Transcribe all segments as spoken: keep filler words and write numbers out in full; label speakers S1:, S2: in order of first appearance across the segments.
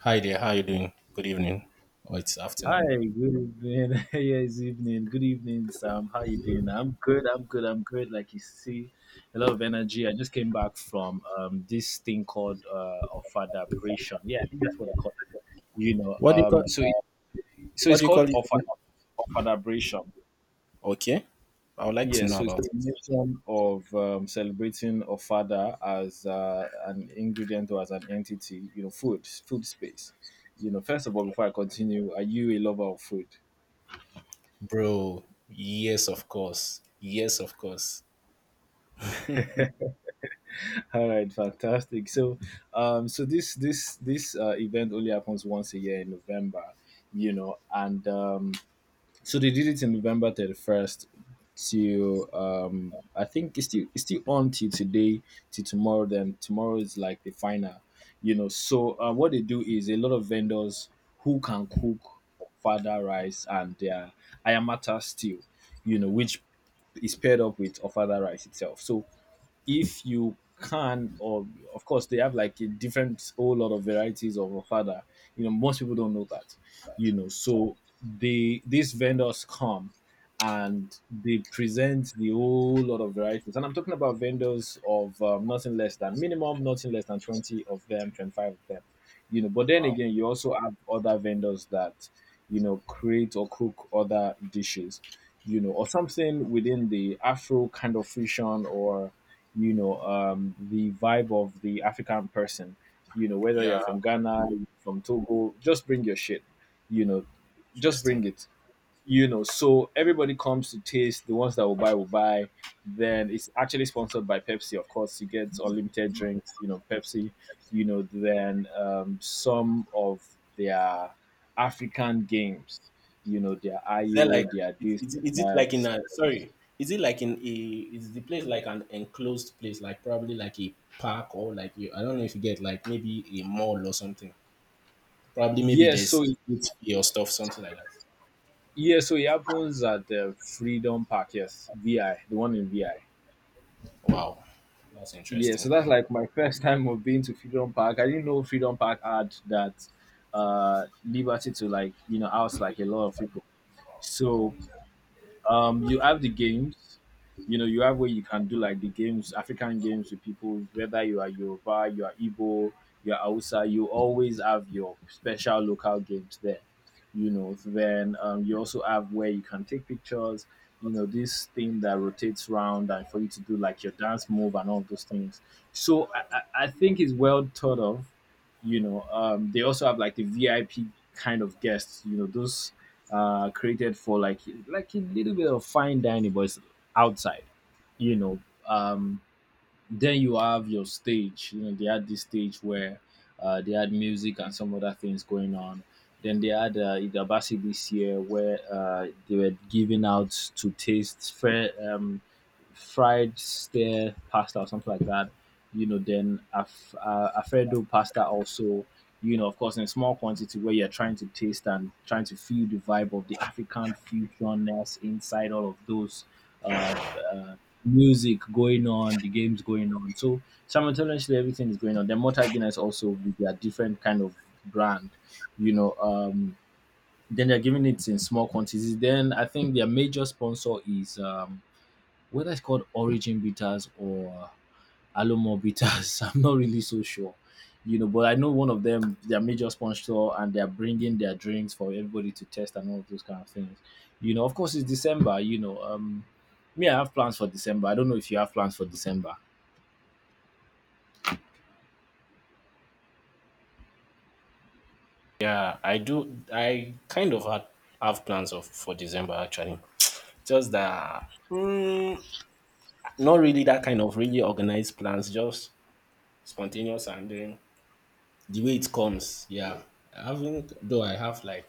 S1: Hi there, how are you doing? Good evening, or it's
S2: Hi,
S1: afternoon.
S2: good evening. Yes, evening. Good evening, Sam. How you doing? I'm good. I'm good. I'm good. Like you see, a lot of energy. I just came back from um this thing called uh ofadabration. Yeah, I think that's what they call it. You know,
S1: What do you call
S2: um, so it, so
S1: what
S2: it's
S1: do you call
S2: called
S1: it again?
S2: ofada ofadabration.
S1: Okay, I would like to
S2: Yeah,
S1: know
S2: so it's
S1: about
S2: a
S1: it,
S2: combination of um, celebrating ofada as uh, an ingredient or as an entity. You know, food, food space. You know, first of all, before I continue, are you a lover of food?
S1: bro. Yes, of course. Yes, of course.
S2: All right, fantastic. So, um, so this this this uh, event only happens once a year in November, you know, and um, so they did it in November thirty first to, um, I think it's still, it's still on till today, till tomorrow. Then tomorrow is like the final, you know. So uh, what they do is a lot of vendors who can cook fada rice and their ayamata stew, you know, which is paired up with ofada rice itself. So if you can, or of course they have like a different whole lot of varieties of ofada. You know, most people don't know that. You know, so they these vendors come and they present the whole lot of varieties, and I'm talking about vendors of, um, nothing less than minimum nothing less than twenty of them, twenty-five of them. You know, but then
S1: Wow.
S2: again, you also have other vendors that you know create or cook other dishes, you know or something within the afro kind of fusion, or you know, um, the vibe of the African person. You know, whether you're
S1: Yeah,
S2: from Ghana, from Togo, just bring your shit. You know, just
S1: interesting.
S2: bring it. You know, so everybody comes to taste. The ones that will buy will buy. Then it's actually sponsored by Pepsi, of course. You get unlimited drinks. You know, Pepsi. You know, then um, some of their African games. You know, their
S1: Is that
S2: I O,
S1: like
S2: their
S1: is,
S2: this,
S1: is, is it like in
S2: that.
S1: a sorry? Is it like in a is the place like an enclosed place, like probably like a park or like a, I don't know if you get like maybe a mall or something? Probably maybe
S2: Yes, so
S1: there's eat or stuff, something like that.
S2: Yeah, so it happens at the Freedom Park, yes, V I, the one in V I.
S1: Wow, that's
S2: Yeah,
S1: interesting.
S2: so that's like my first time of being to Freedom Park. I didn't know Freedom Park had that uh liberty to, like, you know, house like a lot of people. So um you have the games. You know, you have where you can do like the games African games with people. Whether you are Yoruba, you are Igbo, you are Hausa, you always have your special local games there. You know, then um, you also have where you can take pictures. You know, this thing that rotates round and for you to do like your dance move and all those things. So, i, I I think it's well thought of. You know, um, they also have like the VIP kind of guests. You know, those uh created for like, like a little bit of fine dining, but it's outside. You know, um then you have your stage. You know, they had this stage where uh they had music and some other things going on. Then they had uh, Idabasi this year, where uh, they were giving out to taste fair, um, fried stir pasta or something like that. You know, then Alf- uh, Alfredo pasta also. You know, of course, in small quantity where you're trying to taste and trying to feel the vibe of the African fusionness inside all of those, uh, uh, music going on, the games going on. So simultaneously, everything is going on. Then Mortar Guinness also with their different kind of brand. You know, um, then they're giving it in small quantities. Then I think their major sponsor is, um, whether it's called Origin Bitters or Alomo Bitters, I'm not really so sure. You know, but I know one of them, their major sponsor, and they're bringing their drinks for everybody to test and all of those kind of things. You know, of course, it's December. You know, um, me, I have plans for December. I don't know if you have plans for December.
S1: Yeah, I do. I kind of had, have plans of for December actually. Just that, mm, not really that kind of really organized plans. Just spontaneous and then the way it comes. Yeah, I haven't. Though I have like,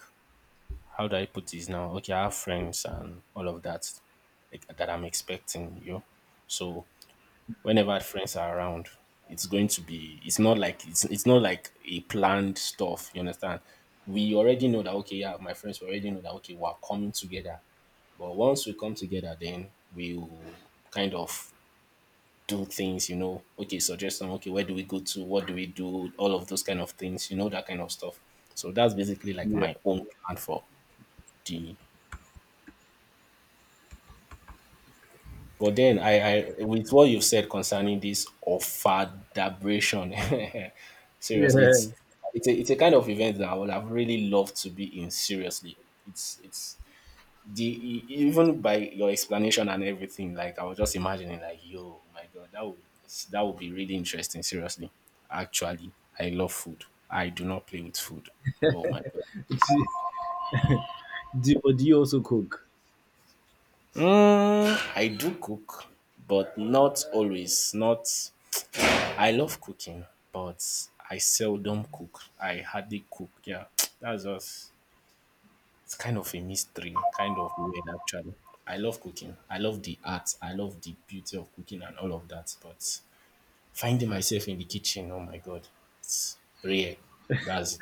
S1: how do I put this now? Okay, I have friends and all of that like, that I'm expecting. You know, so whenever friends are around, it's going to be it's not like it's, it's not like a planned stuff, you understand. We already know that, okay, yeah, my friends already know that, okay, we're coming together, but once we come together, then we'll kind of do things, you know okay, suggestion, okay, where do we go to, what do we do, all of those kind of things, you know that kind of stuff. So that's basically like
S2: Yeah.
S1: my own plan for the. But then I, I with what you've said concerning this offeradabration, seriously, it's
S2: Yeah.
S1: it's a, it's a kind of event that I would have really loved to be in. Seriously, it's it's the e- even by your explanation and everything, like I was just imagining, like yo, my god, that would that would be really interesting. Seriously, actually, I love food. I do not play with food. Oh my god.
S2: do, but do you also cook?
S1: Mm, I do cook, but not always. Not. I love cooking, but I seldom cook. I hardly cook. Yeah, that's just it's kind of a mystery, kind of weird actually. I love cooking. I love the art. I love the beauty of cooking and all of that. But finding myself in the kitchen, oh my god, it's rare. That's it.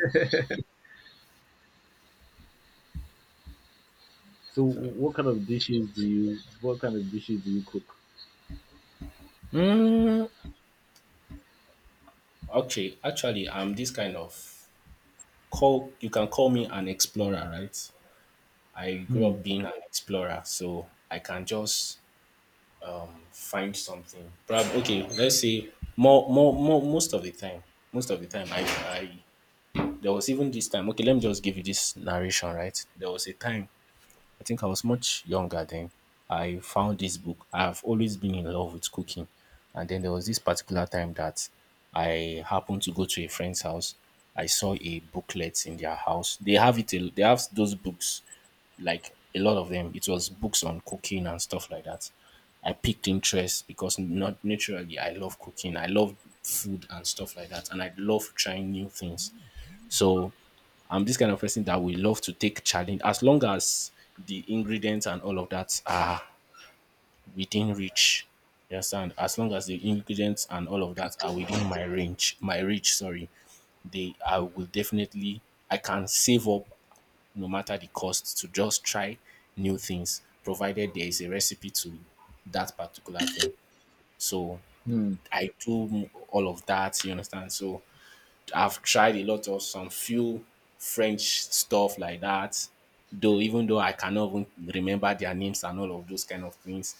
S2: So,
S1: So,
S2: what kind of dishes do you? What kind of dishes do you cook?
S1: mm, okay, actually, I'm this kind of call. You can call me an explorer, right? I grew
S2: Hmm.
S1: up being an explorer, so I can just find something. Prob- okay, let's say more, more, more, most of the time, most of the time, I, I, there was even this time. Okay, let me just give you this narration, right? There was a time I think I was much younger then. I found this book. I've always been in love with cooking. And then there was this particular time that I happened to go to a friend's house. I saw a booklet in their house. They have it, a- they have those books, like a lot of them. It was books on cooking and stuff like that. I picked interest because not naturally I love cooking. I love food and stuff like that. And I love trying new things. So I'm this kind of person that will love to take challenge as long as the ingredients and all of that are within reach. You understand? As long as the ingredients and all of that are within my range, my reach, sorry, they I will definitely I can save up no matter the cost to just try new things, provided there is a recipe to that particular thing. So
S2: Hmm.
S1: I do all of that, you understand? So I've tried a lot of some few French stuff like that. Though even though I cannot even remember their names and all of those kind of things.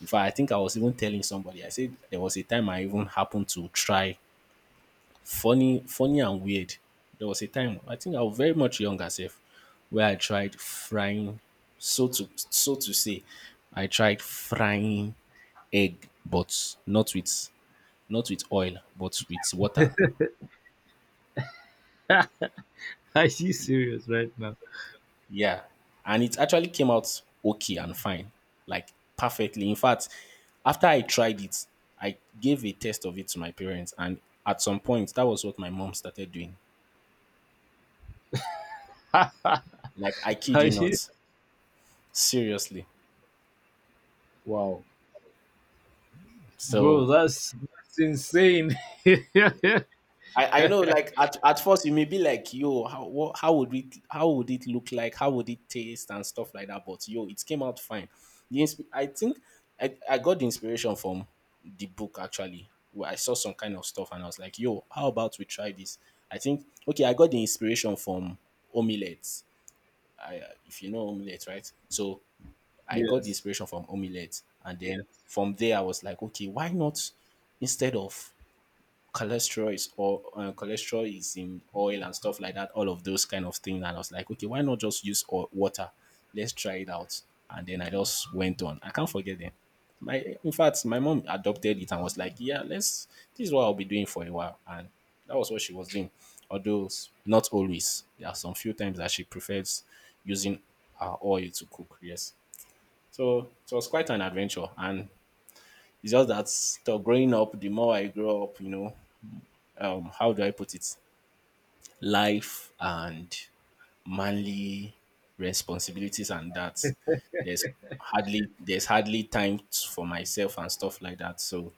S1: In fact, I think I was even telling somebody, I said there was a time I even happened to try funny, funny and weird. There was a time I think I was very much younger self where I tried frying so to so to say, I tried frying egg but not with not with oil but with water.
S2: Are you serious right now?
S1: Yeah. And it actually came out okay and fine, like perfectly. In fact, after I tried it, I gave a test of it to my parents. And at some point, that was what my mom started doing. Like, I kid
S2: Are
S1: you
S2: you?
S1: not. Seriously.
S2: Wow. Bro,
S1: So
S2: that's, that's insane. Yeah.
S1: I, I know like at, at first you may be like yo how what, how would it how would it look like, how would it taste and stuff like that, but yo it came out fine. the insp- I think I, I got the inspiration from the book actually, where I saw some kind of stuff and I was like yo, how about we try this. I think okay, I got the inspiration from omelets. I, if you know omelets, right, so I got the
S2: Yes.
S1: inspiration from omelets and then from there I was like okay, why not instead of cholesterol is or uh, cholesterol is in oil and stuff like that, all of those kind of things, and I was like okay why not just use oil, water, let's try it out. And then I just went on, I can't forget them. My in fact my mom adopted it and was like yeah, let's this is what I'll be doing for a while, and that was what she was doing. Although s- not always, there are some few times that she prefers using uh, oil to cook, yes. So it was quite an adventure, and it's just that so growing up the more I grow up, you know, um how do I put it? Life and manly responsibilities and that. There's hardly there's hardly time t- for myself and stuff like that. So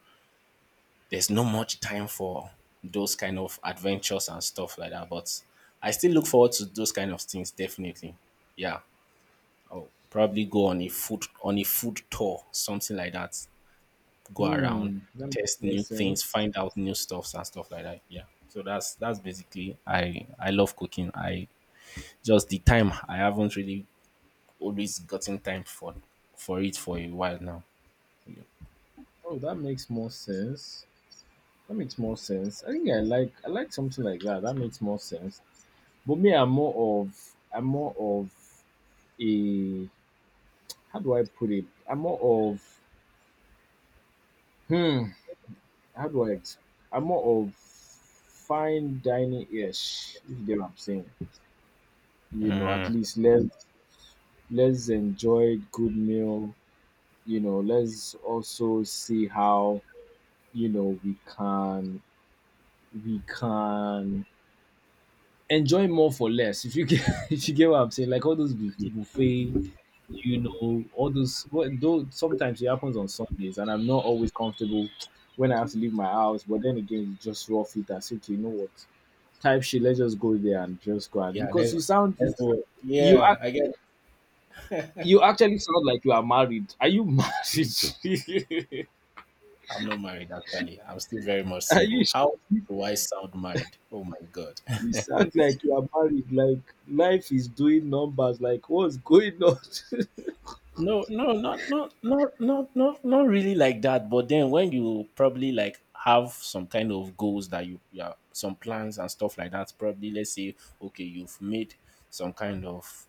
S1: there's not much time for those kind of adventures and stuff like that. But I still look forward to those kind of things, definitely. Yeah. I'll probably go on a food on a food tour, something like that, go around,
S2: Hmm, that makes
S1: test
S2: more
S1: new things,
S2: sense.
S1: find out new stuffs and stuff like that. Yeah. So that's that's basically I I love cooking. I just the time I haven't really always gotten time for for it for a while now. Yeah,
S2: Oh, that makes more sense. That makes more sense. I think I like I like something like that. That makes more sense. But me, I'm more of I'm more of a, how do I put it? I'm more of hmm. How do I? Ex- I'm more of fine dining ish. If you get what I'm saying, you know, at least let, let's enjoy good meal. You know let's also see how you know we can we can enjoy more for less. If you get if you get what I'm saying, like all those bu- buffet. You know, all those, what, though sometimes it happens on Sundays and I'm not always comfortable when I have to leave my house. But then again, it's just rough it and say, okay, you know what, type shit, let's just go there and just go. And
S1: yeah
S2: because
S1: that's,
S2: you sound,
S1: that's the way.
S2: you
S1: Yeah.
S2: act
S1: I get.
S2: you actually sound like you are married. Are you married?
S1: I'm not married actually. I'm still very much
S2: Are you
S1: single.
S2: sure?
S1: How do I sound married? Oh my god.
S2: You sound like you are married. Like, life is doing numbers. Like, what's going on?
S1: No, no, not not not not not not really like that. But then when you probably like have some kind of goals that you yeah, some plans and stuff like that, probably let's say, okay, you've made some kind of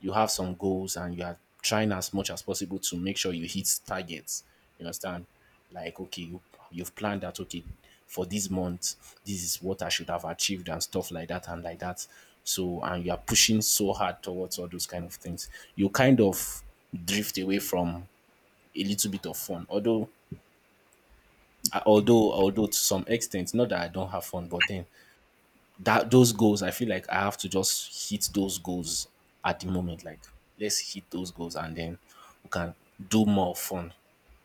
S1: you have some goals and you are trying as much as possible to make sure you hit targets. You understand? Like, okay, you, you've planned that, okay, for this month, this is what I should have achieved and stuff like that and like that. So, and you are pushing so hard towards all those kind of things. You kind of drift away from a little bit of fun. Although, although, although to some extent, not that I don't have fun, but then that those goals, I feel like I have to just hit those goals at the moment. Like let's hit those goals and then we can do more fun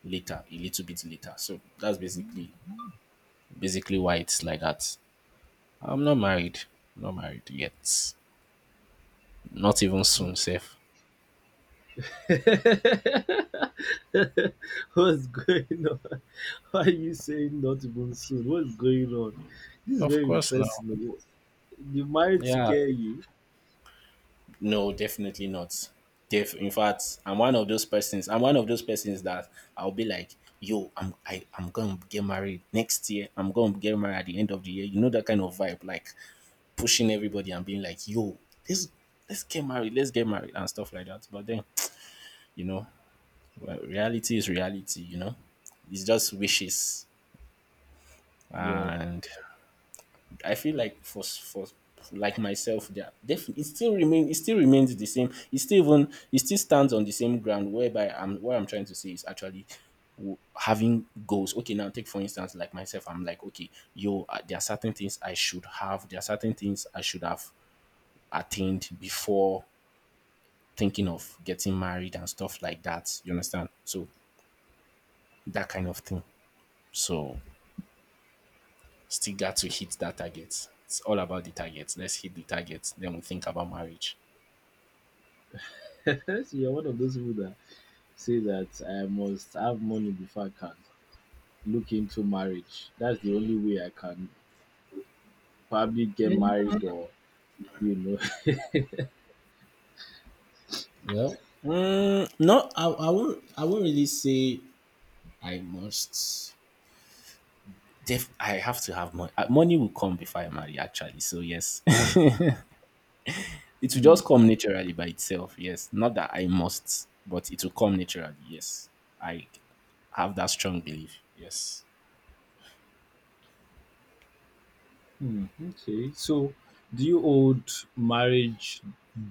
S1: later, a little bit later. So that's basically basically why it's like that. I'm not married. I'm not married yet. Not even soon,
S2: Okay.
S1: safe.
S2: What's going on? Why are you saying not even soon? What's going on? This is
S1: Of
S2: very
S1: course now.
S2: interesting. The marriage
S1: Yeah.
S2: scare you?
S1: No, definitely not. Def- in fact, I'm one of those persons. I'm one of those persons that I'll be like, yo, I'm I, I'm gonna get married next year. I'm gonna get married at the end of the year. You know that kind of vibe, like pushing everybody and being like, yo, let's let's get married, let's get married and stuff like that. But then, you know, well, reality is reality. You know, it's just wishes
S2: Wow.
S1: and I feel like for for like myself, there definitely it still remain it still remains the same. It still even it still stands on the same ground. Whereby I'm what I'm trying to say is actually w- having goals, okay, now take for instance like myself, I'm like okay yo, uh, there are certain things i should have there are certain things I should have attained before thinking of getting married and stuff like that, you understand, so that kind of thing. So still got to hit that target, it's all about the target, let's hit the target then we think about marriage.
S2: So, you're one of those people that say that I must have money before I can look into marriage. That's the only way I can probably get married, or you know.
S1: Well, mm, no, I, I won't. I won't really say I must. Def, I have to have money. Uh, Money will come before I marry, actually. So yes, it will just come naturally by itself. Yes, not that I must, but it will come naturally. Yes, I have that strong belief. Yes.
S2: Hmm, okay. So, do you hold marriage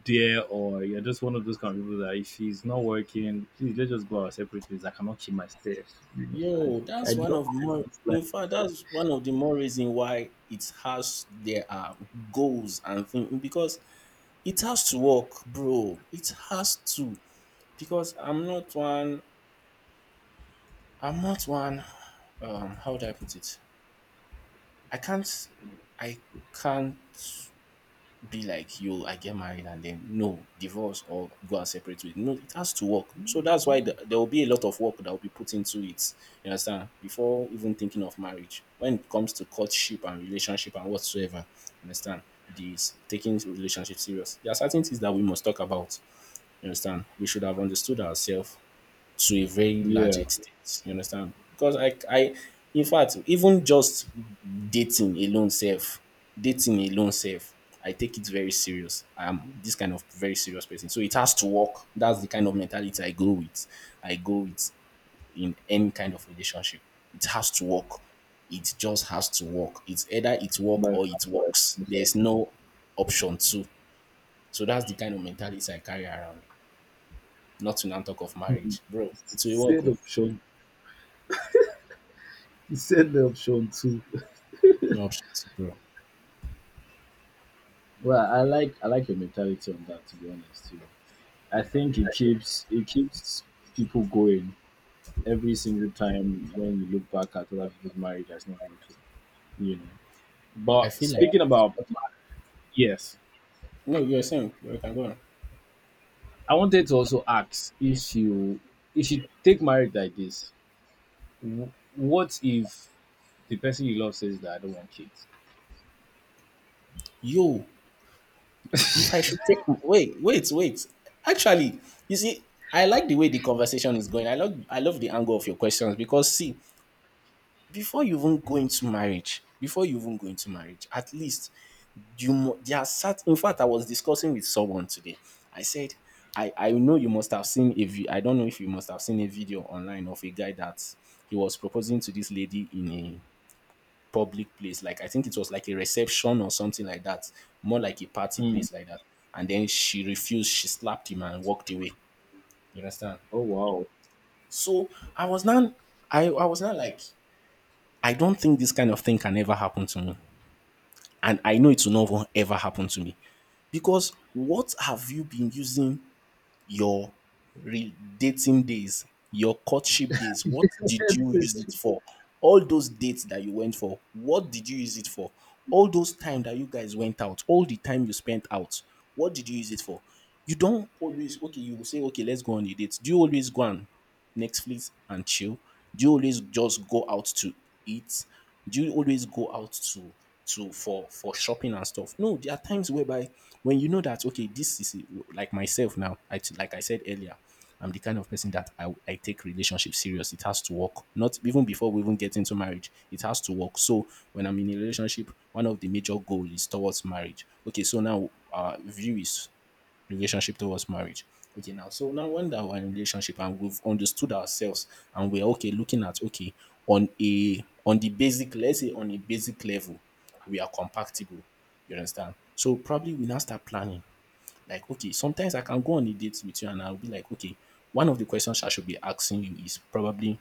S2: dear, or you're just one of those kind of people that if he's not working, please let's just go our separate ways? I cannot kill myself. You know,
S1: Yo,
S2: I I
S1: that's one
S2: know
S1: of more.
S2: it's like,
S1: In fact, that's one of the more reason why it has there are goals and things because it has to work, bro. It has to. Because I'm not one I'm not one um how do I put it? I can't I can't be like, yo, I get married and then, no, divorce or go and separate with, no, it has to work. So that's why the, there will be a lot of work that will be put into it. You understand? Before even thinking of marriage. When it comes to courtship and relationship and whatsoever, you understand? This taking relationship serious. There are certain things that we must talk about. You understand? We should have understood ourselves to a very large
S2: yeah,
S1: extent. You understand? Because I, I, in fact, even just dating alone, self, dating alone, self, I take it very serious. I am this kind of very serious person, so it has to work. That's the kind of mentality I go with. I go with in any kind of relationship. It has to work. It just has to work. It's either it work
S2: but
S1: or it
S2: but
S1: works. There's no option two. So that's the kind of mentality I carry around. Not to now talk of
S2: hmm,
S1: marriage, bro. It will work.
S2: said
S1: Oh.
S2: option, he said the option too.
S1: No shit, bro.
S2: Well, I like I like your mentality on that. To be honest, you know, I think it keeps it keeps people going every single time when you look back at other people's marriage that's not working. You know.
S1: I
S2: But
S1: feel like,
S2: speaking about, yes,
S1: no, you're saying you can go on.
S2: I wanted to also ask, if you if you take marriage like this, wh- what if the person you love says that I don't want kids?
S1: Yo, if I should take, wait, wait, wait. Actually, you see, I like the way the conversation is going. I love I love the angle of your questions because, see, before you even go into marriage, before you even go into marriage, at least you mu- there are certain, in fact, I was discussing with someone today. I said, I, I know you must have seen a vi- I don't know if you must have seen a video online of a guy that he was proposing to this lady in a public place. Like, I think it was like a reception or something like that, more like a party
S2: Hmm.
S1: place like that. And then she refused. She slapped him and walked away. You understand?
S2: Oh wow.
S1: So I was not. I I was not like, I don't think this kind of thing can ever happen to me, and I know it will not ever happen to me. Because what have you been using your re- dating days, your courtship days. What did you
S2: The
S1: use it for? All those dates that you went for, what did you use it for? All those time that you guys went out, all the time you spent out, what did you use it for? You don't always, okay. You will say, okay, let's go on a date. Do you always go on Netflix and chill? Do you always just go out to eat? Do you always go out to to for for shopping and stuff? No, there are times whereby when you know that, okay, this is like myself now. I t- like I said earlier, I'm the kind of person that I, I take relationship serious. It has to work. Not even before we even get into marriage, it has to work. So when I'm in a relationship, one of the major goal is towards marriage. Okay, so now our view is relationship towards marriage. Okay, now, so now when that we're in relationship and we've understood ourselves and we're okay, looking at, okay, on a on the basic, let's say on a basic level, we are compatible. You understand? So probably we now start planning. Like, okay, sometimes I can go on a date with you and I'll be like, okay, one of the questions I should be asking you is probably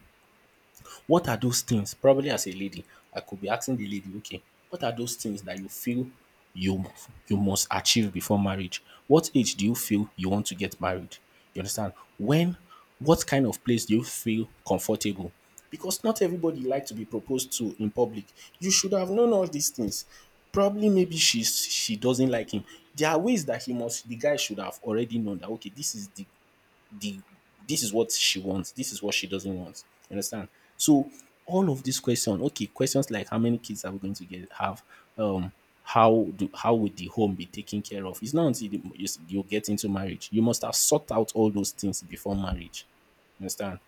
S1: what are those things, probably as a lady I could be asking the lady, okay, what are those things that you feel you you must achieve before marriage? What age do you feel you want to get married? You understand? When what kind of place do you feel comfortable? Because not everybody like to be proposed to in public. You should have known all these things. Probably maybe she's she doesn't like him. There are ways that he must the guy should have already known that, okay, this is the the this is what she wants, this is what she doesn't want. You understand? So all of these questions, okay, questions like how many kids are we going to get have, um, how do how would the home be taken care of? It's not until the, you, you get into marriage. You must have sought out all those things before marriage, understand?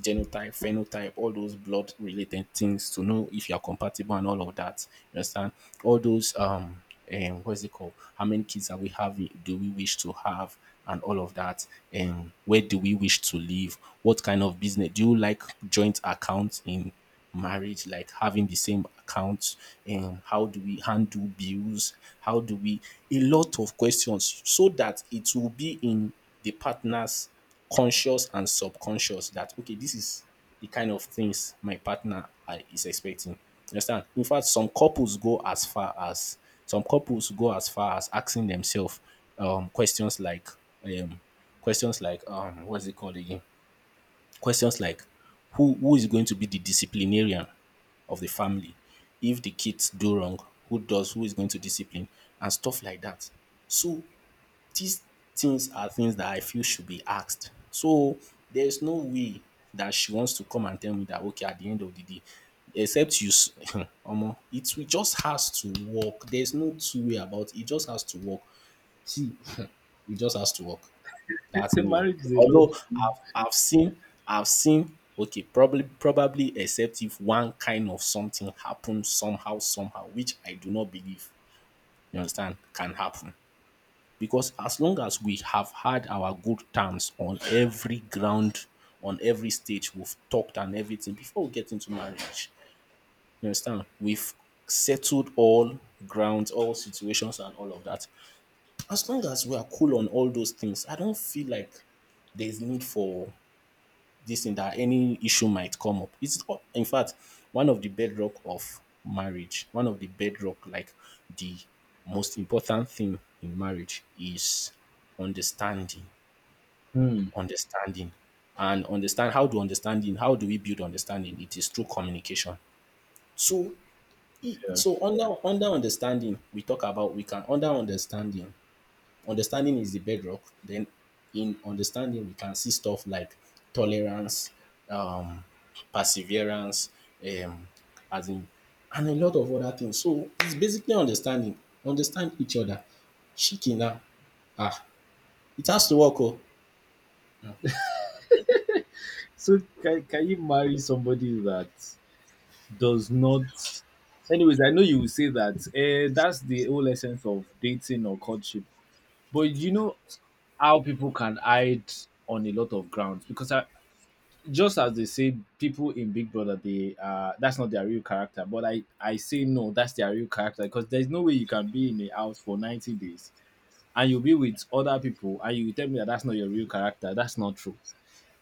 S1: Genotype, phenotype, all those blood related things to know if you are compatible and all of that. You understand? All those um and what is it called? How many kids are we having? Do we wish to have? And all of that. And where do we wish to live? What kind of business? Do you like joint accounts in marriage, like having the same account? And how do we handle bills, how do we, a lot of questions so that it will be in the partner's conscious and subconscious that, okay, this is the kind of things my partner I- is expecting. You understand? In fact, some couples go as far as some couples go as far as asking themselves, um, questions like, um, questions like um, what's it called again? Questions like, who who is going to be the disciplinarian of the family? If the kids do wrong, who does who is going to discipline and stuff like that. So these things are things that I feel should be asked. So there's no way that she wants to come and tell me that, okay, at the end of the day, except you s- omo, it will just has to work. There's no two way about it. It just has to work. See, it just has to work. That's me. Oh.
S2: marriage is a lot.
S1: Although I've I've seen I've seen okay, probably probably except if one kind of something happens somehow, somehow, which I do not believe, you understand, can happen. Because as long as we have had our good terms on every ground, on every stage, we've talked and everything before we get into marriage. You understand? We've settled all grounds, all situations, and all of that. As long as we are cool on all those things, I don't feel like there's need for this thing that any issue might come up. It's, in fact, one of the bedrock of marriage, one of the bedrock, like the most important thing in marriage is understanding,
S2: Hmm.
S1: understanding, and understand how to understanding. How do we build understanding? It is through communication. So, e-
S2: Yeah.
S1: so under under understanding, we talk about we can under understanding, understanding is the bedrock. Then in understanding, we can see stuff like tolerance, um, perseverance, um, as in, and a lot of other things. So it's basically understanding, understand each other. Chicken now, ah, it has to work. Oh,
S2: So, can can you marry somebody that does not? Anyways, I know you will say that, uh, that's the whole essence of dating or courtship, but you know how people can hide on a lot of grounds. Because I, just as they say people in Big Brother, they uh that's not their real character, but I I say no, that's their real character. Because there's no way you can be in a house for ninety days and you'll be with other people and you tell me that that's not your real character. That's not true.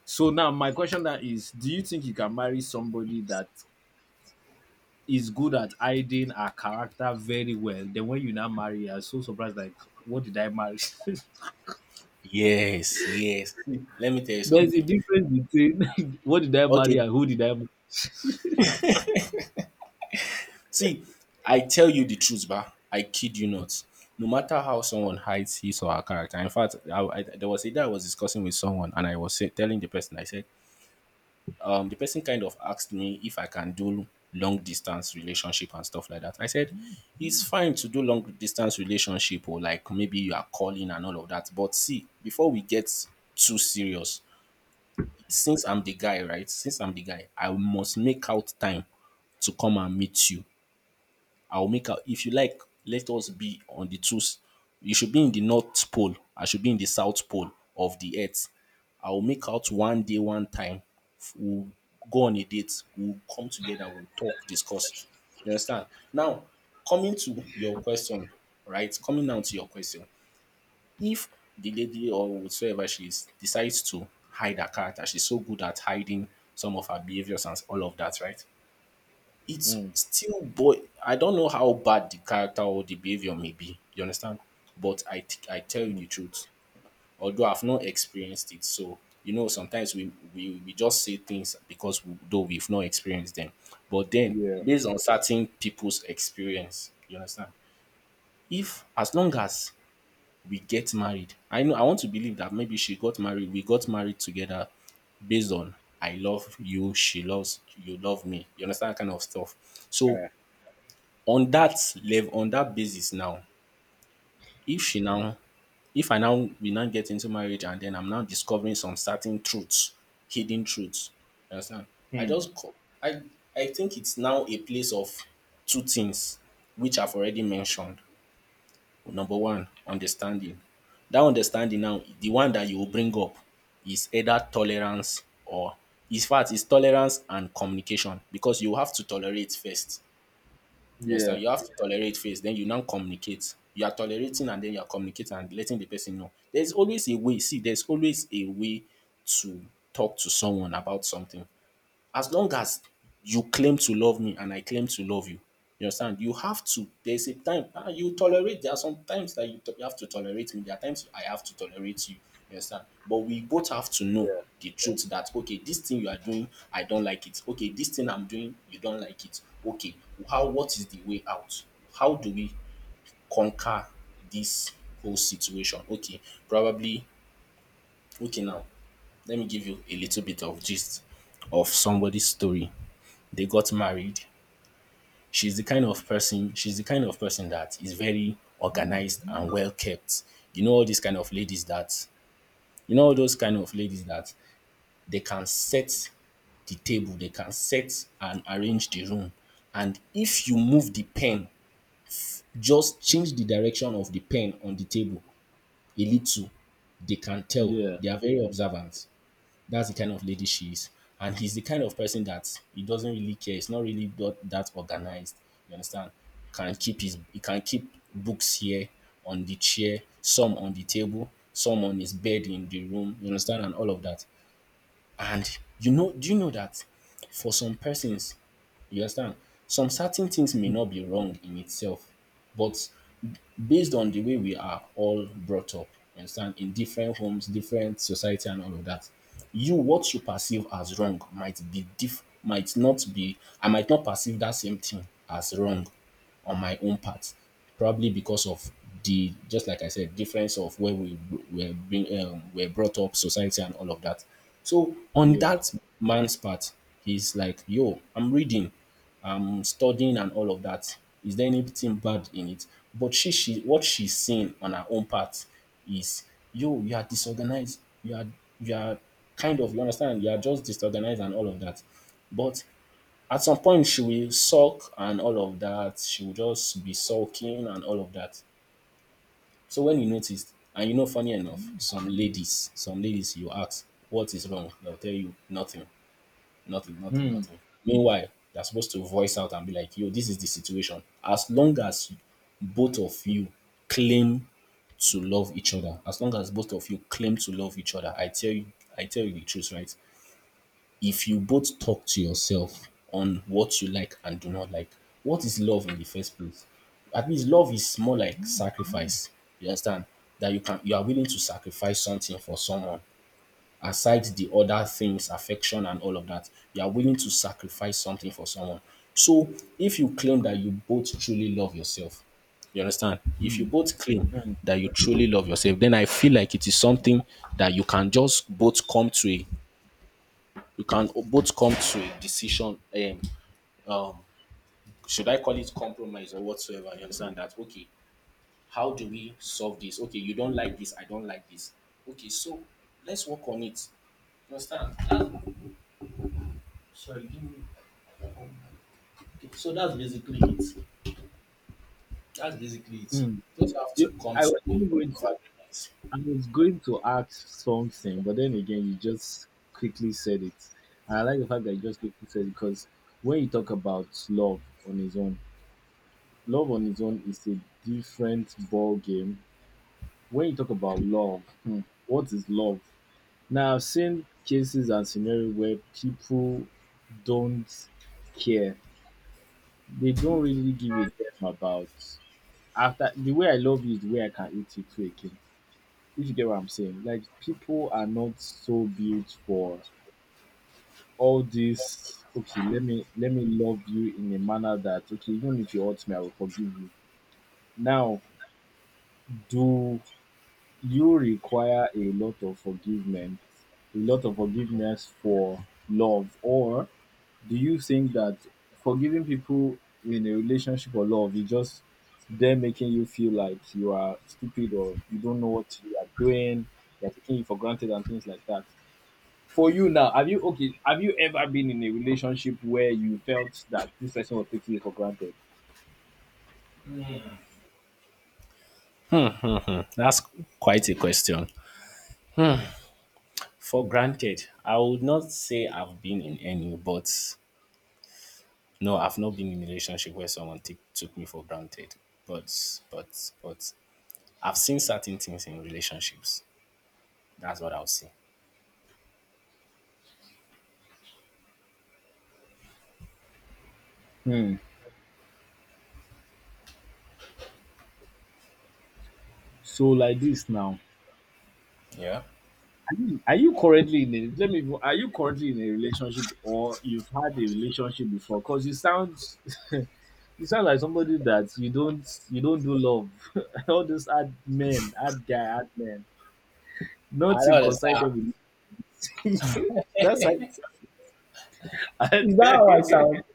S2: So, now my question that is, do you think you can marry somebody that is good at hiding her character very well? Then when you now marry, you're so surprised, like, what did I marry?
S1: yes, yes. Let me tell you
S2: There's a
S1: something.
S2: difference between what did I marry
S1: Okay,
S2: and who did I marry.
S1: see, I tell you the truth, bah. I kid you not. No matter how someone hides his or her character. In fact, I, I, there was a day I was discussing with someone, and I was say, telling the person, I said, um, the person kind of asked me if I can do long distance relationship and stuff like that. I said, it's fine to do long distance relationship or like maybe you are calling and all of that. But see, before we get too serious, since I'm the guy, right? Since I'm the guy, I must make out time to come and meet you. I'll make out. If you like, let us be on the two. s- You should be in the North Pole. I should be in the South Pole of the Earth. I'll make out one day, one time. F- We'll go on a date. We'll come together. We'll talk, discuss. You understand? Now, coming to your question, right? Coming down to your question. If the lady or whatsoever she is decides to hide her character, she's so good at hiding some of her behaviors and all of that, right? It's
S2: Mm,
S1: still boy. I don't know how bad the character or the behavior may be, you understand? But I t- I tell you
S2: mm,
S1: the truth, although I've not experienced it. So, you know, sometimes we, we, we just say things because we, though we've not experienced them. But then,
S2: yeah.
S1: based on certain people's experience, you understand? If, as long as we get married, I know, I want to believe that maybe she got married, we got married together based on I love you, she loves you, love me. You understand that kind of stuff. So
S2: Uh,
S1: on that level, on that basis now, if she now, if I now we now get into marriage and then I'm now discovering some certain truths, hidden truths, you understand, i
S2: hmm.
S1: just co- i I think it's now a place of two things which I've already mentioned. Number one, understanding. That understanding now, the one that you will bring up is either tolerance or, in fact, it's tolerance and communication, because you have to tolerate first. You
S2: Yeah,
S1: understand? You have to tolerate first, then you now communicate. You are tolerating and then you are communicating and letting the person know. There's always a way. See, there's always a way to talk to someone about something. As long as you claim to love me and I claim to love you, you understand? You have to. There's a time ah, you tolerate. There are some times that you, to- you have to tolerate me. There are times I have to tolerate you. You understand? But we both have to know
S2: yeah,
S1: the truth that okay, this thing you are doing, I don't like it. Okay, this thing I'm doing, you don't like it. Okay, how? What is the way out? How do we conquer this whole situation? Okay, probably. Okay, now let me give you a little bit of gist of somebody's story. They got married. She's the kind of person, she's the kind of person that is very organized and well kept. You know, all these kind of ladies that, you know, all those kind of ladies that they can set the table, they can set and arrange the room. And if you move the pen, just change the direction of the pen on the table a little, they can tell.
S2: yeah,
S1: They are very observant. That's the kind of lady she is. And he's the kind of person that he doesn't really care. It's not really that, that organized. You understand? Can keep his He can keep books here on the chair, some on the table, some on his bed in the room. You understand? And all of that. And you know, do you know that for some persons, you understand? Some certain things may not be wrong in itself, but based on the way we are all brought up, you understand, in different homes, different society, and all of that, you what you perceive as wrong might be diff might not be. I might not perceive that same thing as wrong on my own part, probably because of the just like I said, difference of where we were being um, were brought up, society, and all of that. So on
S2: yeah.
S1: that man's part, he's like, "Yo, I'm reading um studying and all of that. Is there anything bad in it?" But she she what she's seeing on her own part is, yo, you are disorganized, you are you are kind of, you understand, you are just disorganized and all of that. But at some point she will sulk and all of that, she will just be sulking and all of that. So when you notice, and you know funny enough, some ladies, some ladies you ask what is wrong, they'll tell you nothing. Nothing, nothing,
S2: Hmm.
S1: nothing. Meanwhile, you're supposed to voice out and be like, yo, this is the situation. As long as both of you claim to love each other, as long as both of you claim to love each other, I tell you, I tell you the truth, right? If you both talk to yourself on what you like and do not like, what is love in the first place? At least love is more like sacrifice. You understand? That you can, you are willing to sacrifice something for someone, aside the other things, affection and all of that, you are willing to sacrifice something for someone. So if you claim that you both truly love yourself, you understand? If you
S2: Hmm.
S1: both claim
S2: Hmm.
S1: that you truly love yourself, then I feel like it is something that you can just both come to a you can both come to a decision. Um, um, should I call it compromise or whatsoever? You understand that? Okay, how do we solve this? Okay, you don't like this, I don't like this. Okay, so let's work on it. You understand? That- Sorry, give me. So that's basically it. That's basically it.
S2: Hmm.
S1: Just have to
S2: You,
S1: come
S2: I
S1: to
S2: was
S1: a
S2: even
S1: point
S2: going
S1: of
S2: to,
S1: agreement.
S2: I was going to ask something, but then again, you just quickly said it. And I like the fact that you just quickly said it because when you talk about love on its own, love on its own is a different ball game. When you talk about love, hmm, what is love? Now, I've seen cases and scenarios where people don't care. They don't really give a damn about, after, the way I love you is the way I can eat you too again. If you get what I'm saying. Like, people are not so built for all this, okay, let me let me love you in a manner that, okay, even if you hurt me, I will forgive you. Now, do you require a lot of forgiveness, a lot of forgiveness for love, or do you think that forgiving people in a relationship or love is just them making you feel like you are stupid or you don't know what you are doing, they're taking you for granted and things like that? For you now, have you, okay? Have you ever been in a relationship where you felt that this person was taking you for granted?
S1: Mhm. That's quite a question. For granted, I would not say I've been in any, but no, I've not been in a relationship where someone t- took me for granted. But but but I've seen certain things in relationships. That's what I'll say.
S2: Hmm. So, like this now.
S1: Yeah.
S2: Are you currently in a let me are you currently in a relationship, or you've had a relationship before? Because you sound you sound like somebody that you don't you don't do love. All those ad men, ad guy, ad men.
S1: I don't
S2: Nothing concerned
S1: understand.
S2: them with that's how you sound.
S1: Is that how I
S2: And-
S1: sound?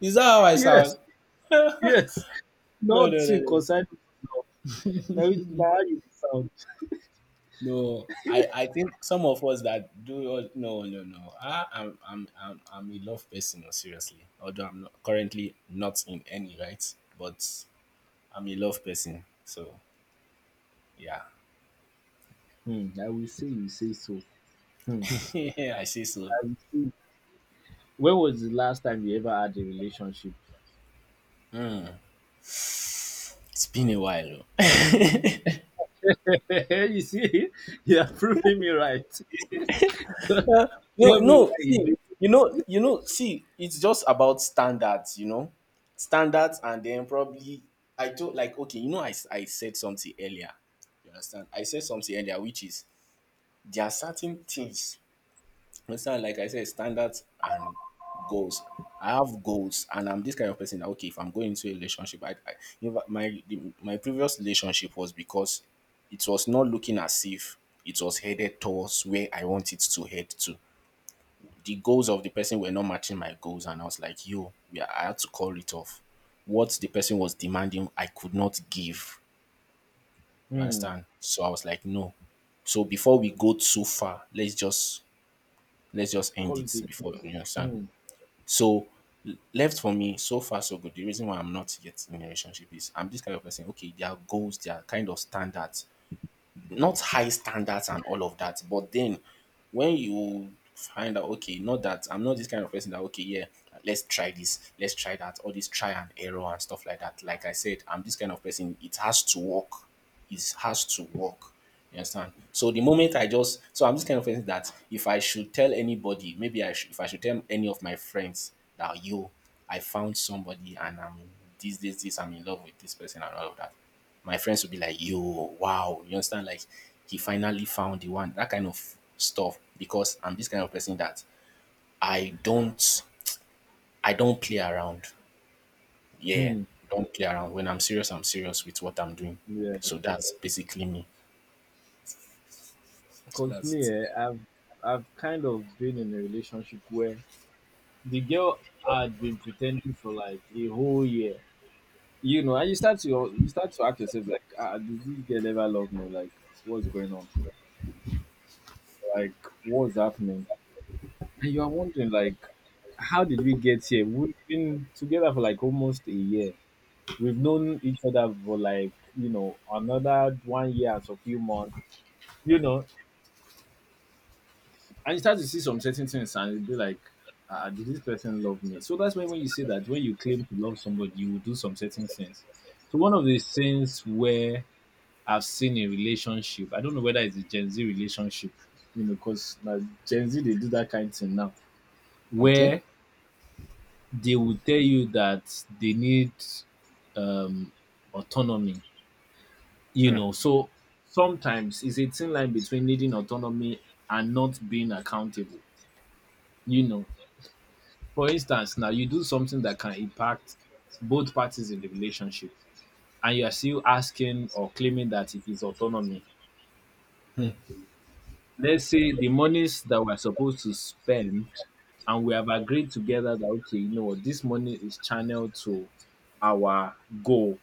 S1: Is that how I sound?
S2: yes, yes.
S1: No, no, no,
S2: Nothing
S1: no.
S2: concerned with love. Now, now you sound.
S1: No, I, I think some of us that do all- no no no. I, I'm I'm I'm I'm a love person, no, seriously. Although I'm not, currently not in any right, but I'm a love person. So yeah,
S2: Hmm, I will say you say so. Hmm,
S1: yeah, I say so.
S2: I will say. When was the last time you ever had a relationship?
S1: It's been a while. Oh.
S2: You see, you're proving me right.
S1: No,
S2: Tell me why
S1: no.
S2: he's
S1: See,
S2: doing.
S1: you know you know. See, it's just about standards. You know, standards, and then probably I told like okay, you know, I s- I said something earlier. You understand? I said something earlier, which is there are certain things, understand, like I said, standards and goals. I have goals and I'm this kind of person that okay, if I'm going into a relationship, i, I, in fact, my the, my previous relationship was because it was not looking as if it was headed towards where I want it to head to. The goals of the person were not matching my goals and I was like, yo, yeah, I had to call it off. What the person was demanding I could not give, you
S2: Hmm,
S1: understand. So I was like, no, so before we go too far, let's just let's just end
S2: call it
S1: it
S2: a quit.
S1: before, you understand.
S2: Hmm,
S1: So l- left for me, so far so good. The reason why I'm not yet in a relationship is I'm this kind of person. Okay, there are goals, there are kind of standards, not high standards and all of that. But then when you find out, okay, not that I'm not this kind of person that, okay, yeah, let's try this, let's try that, all this try and error and stuff like that. Like I said, I'm this kind of person, it has to work. It has to work. You understand? So the moment I just, so I'm this kind of person that if I should tell anybody, maybe I should, if I should tell any of my friends that, yo, I found somebody and I'm this, this, this, I'm in love with this person and all of that. My friends would be like, yo, wow. You understand? Like, he finally found the one, that kind of stuff. Because I'm this kind of person that I don't I don't play around. Yeah.
S2: hmm,
S1: I don't play around. When I'm serious, I'm serious with what I'm doing.
S2: yeah.
S1: So that's basically me. So
S2: Because me,
S1: that's
S2: eh,
S1: it.
S2: I've I've kind of been in a relationship where the girl had been pretending for like a whole year. You know, and you start to you start to ask yourself like, ah, ah, does this girl ever love me? Like, what's going on? Like, what's happening? And you are wondering like, how did we get here? We've been together for like almost a year. We've known each other for like, you know, another one year and a few months, you know. And you start to see some certain things and you'll be like, ah, did this person love me? So that's why when you say that, when you claim to love somebody, you will do some certain things. So one of the things where I've seen a relationship, I don't know whether it's a Gen Z relationship, you know, because Gen Z, they do that kind of thing now,
S1: Okay?
S2: where they will tell you that they need um, autonomy. You know, so sometimes it's a thin line between needing autonomy and not being accountable. You know, for instance, now you do something that can impact both parties in the relationship, and you are still asking or claiming that it is autonomy. Let's say the monies that we're supposed to spend, and we have agreed together that, okay, you know what, this money is channeled to our goal.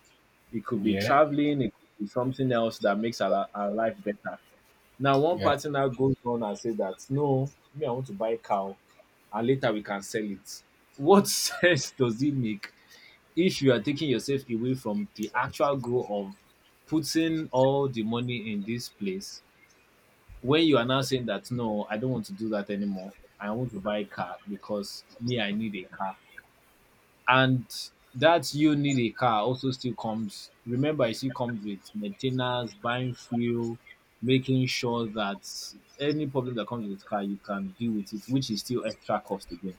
S2: It could be
S1: Yeah.
S2: traveling, it could be something else that makes our, our life better. Now one
S1: Yeah.
S2: party now goes on and say that no, me I want to buy a cow, and later we can sell it. What sense does it make if you are taking yourself away from the actual goal of putting all the money in this place when you are now saying that no, I don't want to do that anymore. I want to buy a car because me I need a car. And that you need a car also still comes, remember, it still comes with maintenance, buying fuel, making sure that any problem that comes with the car, you can deal with it, which is still extra cost again.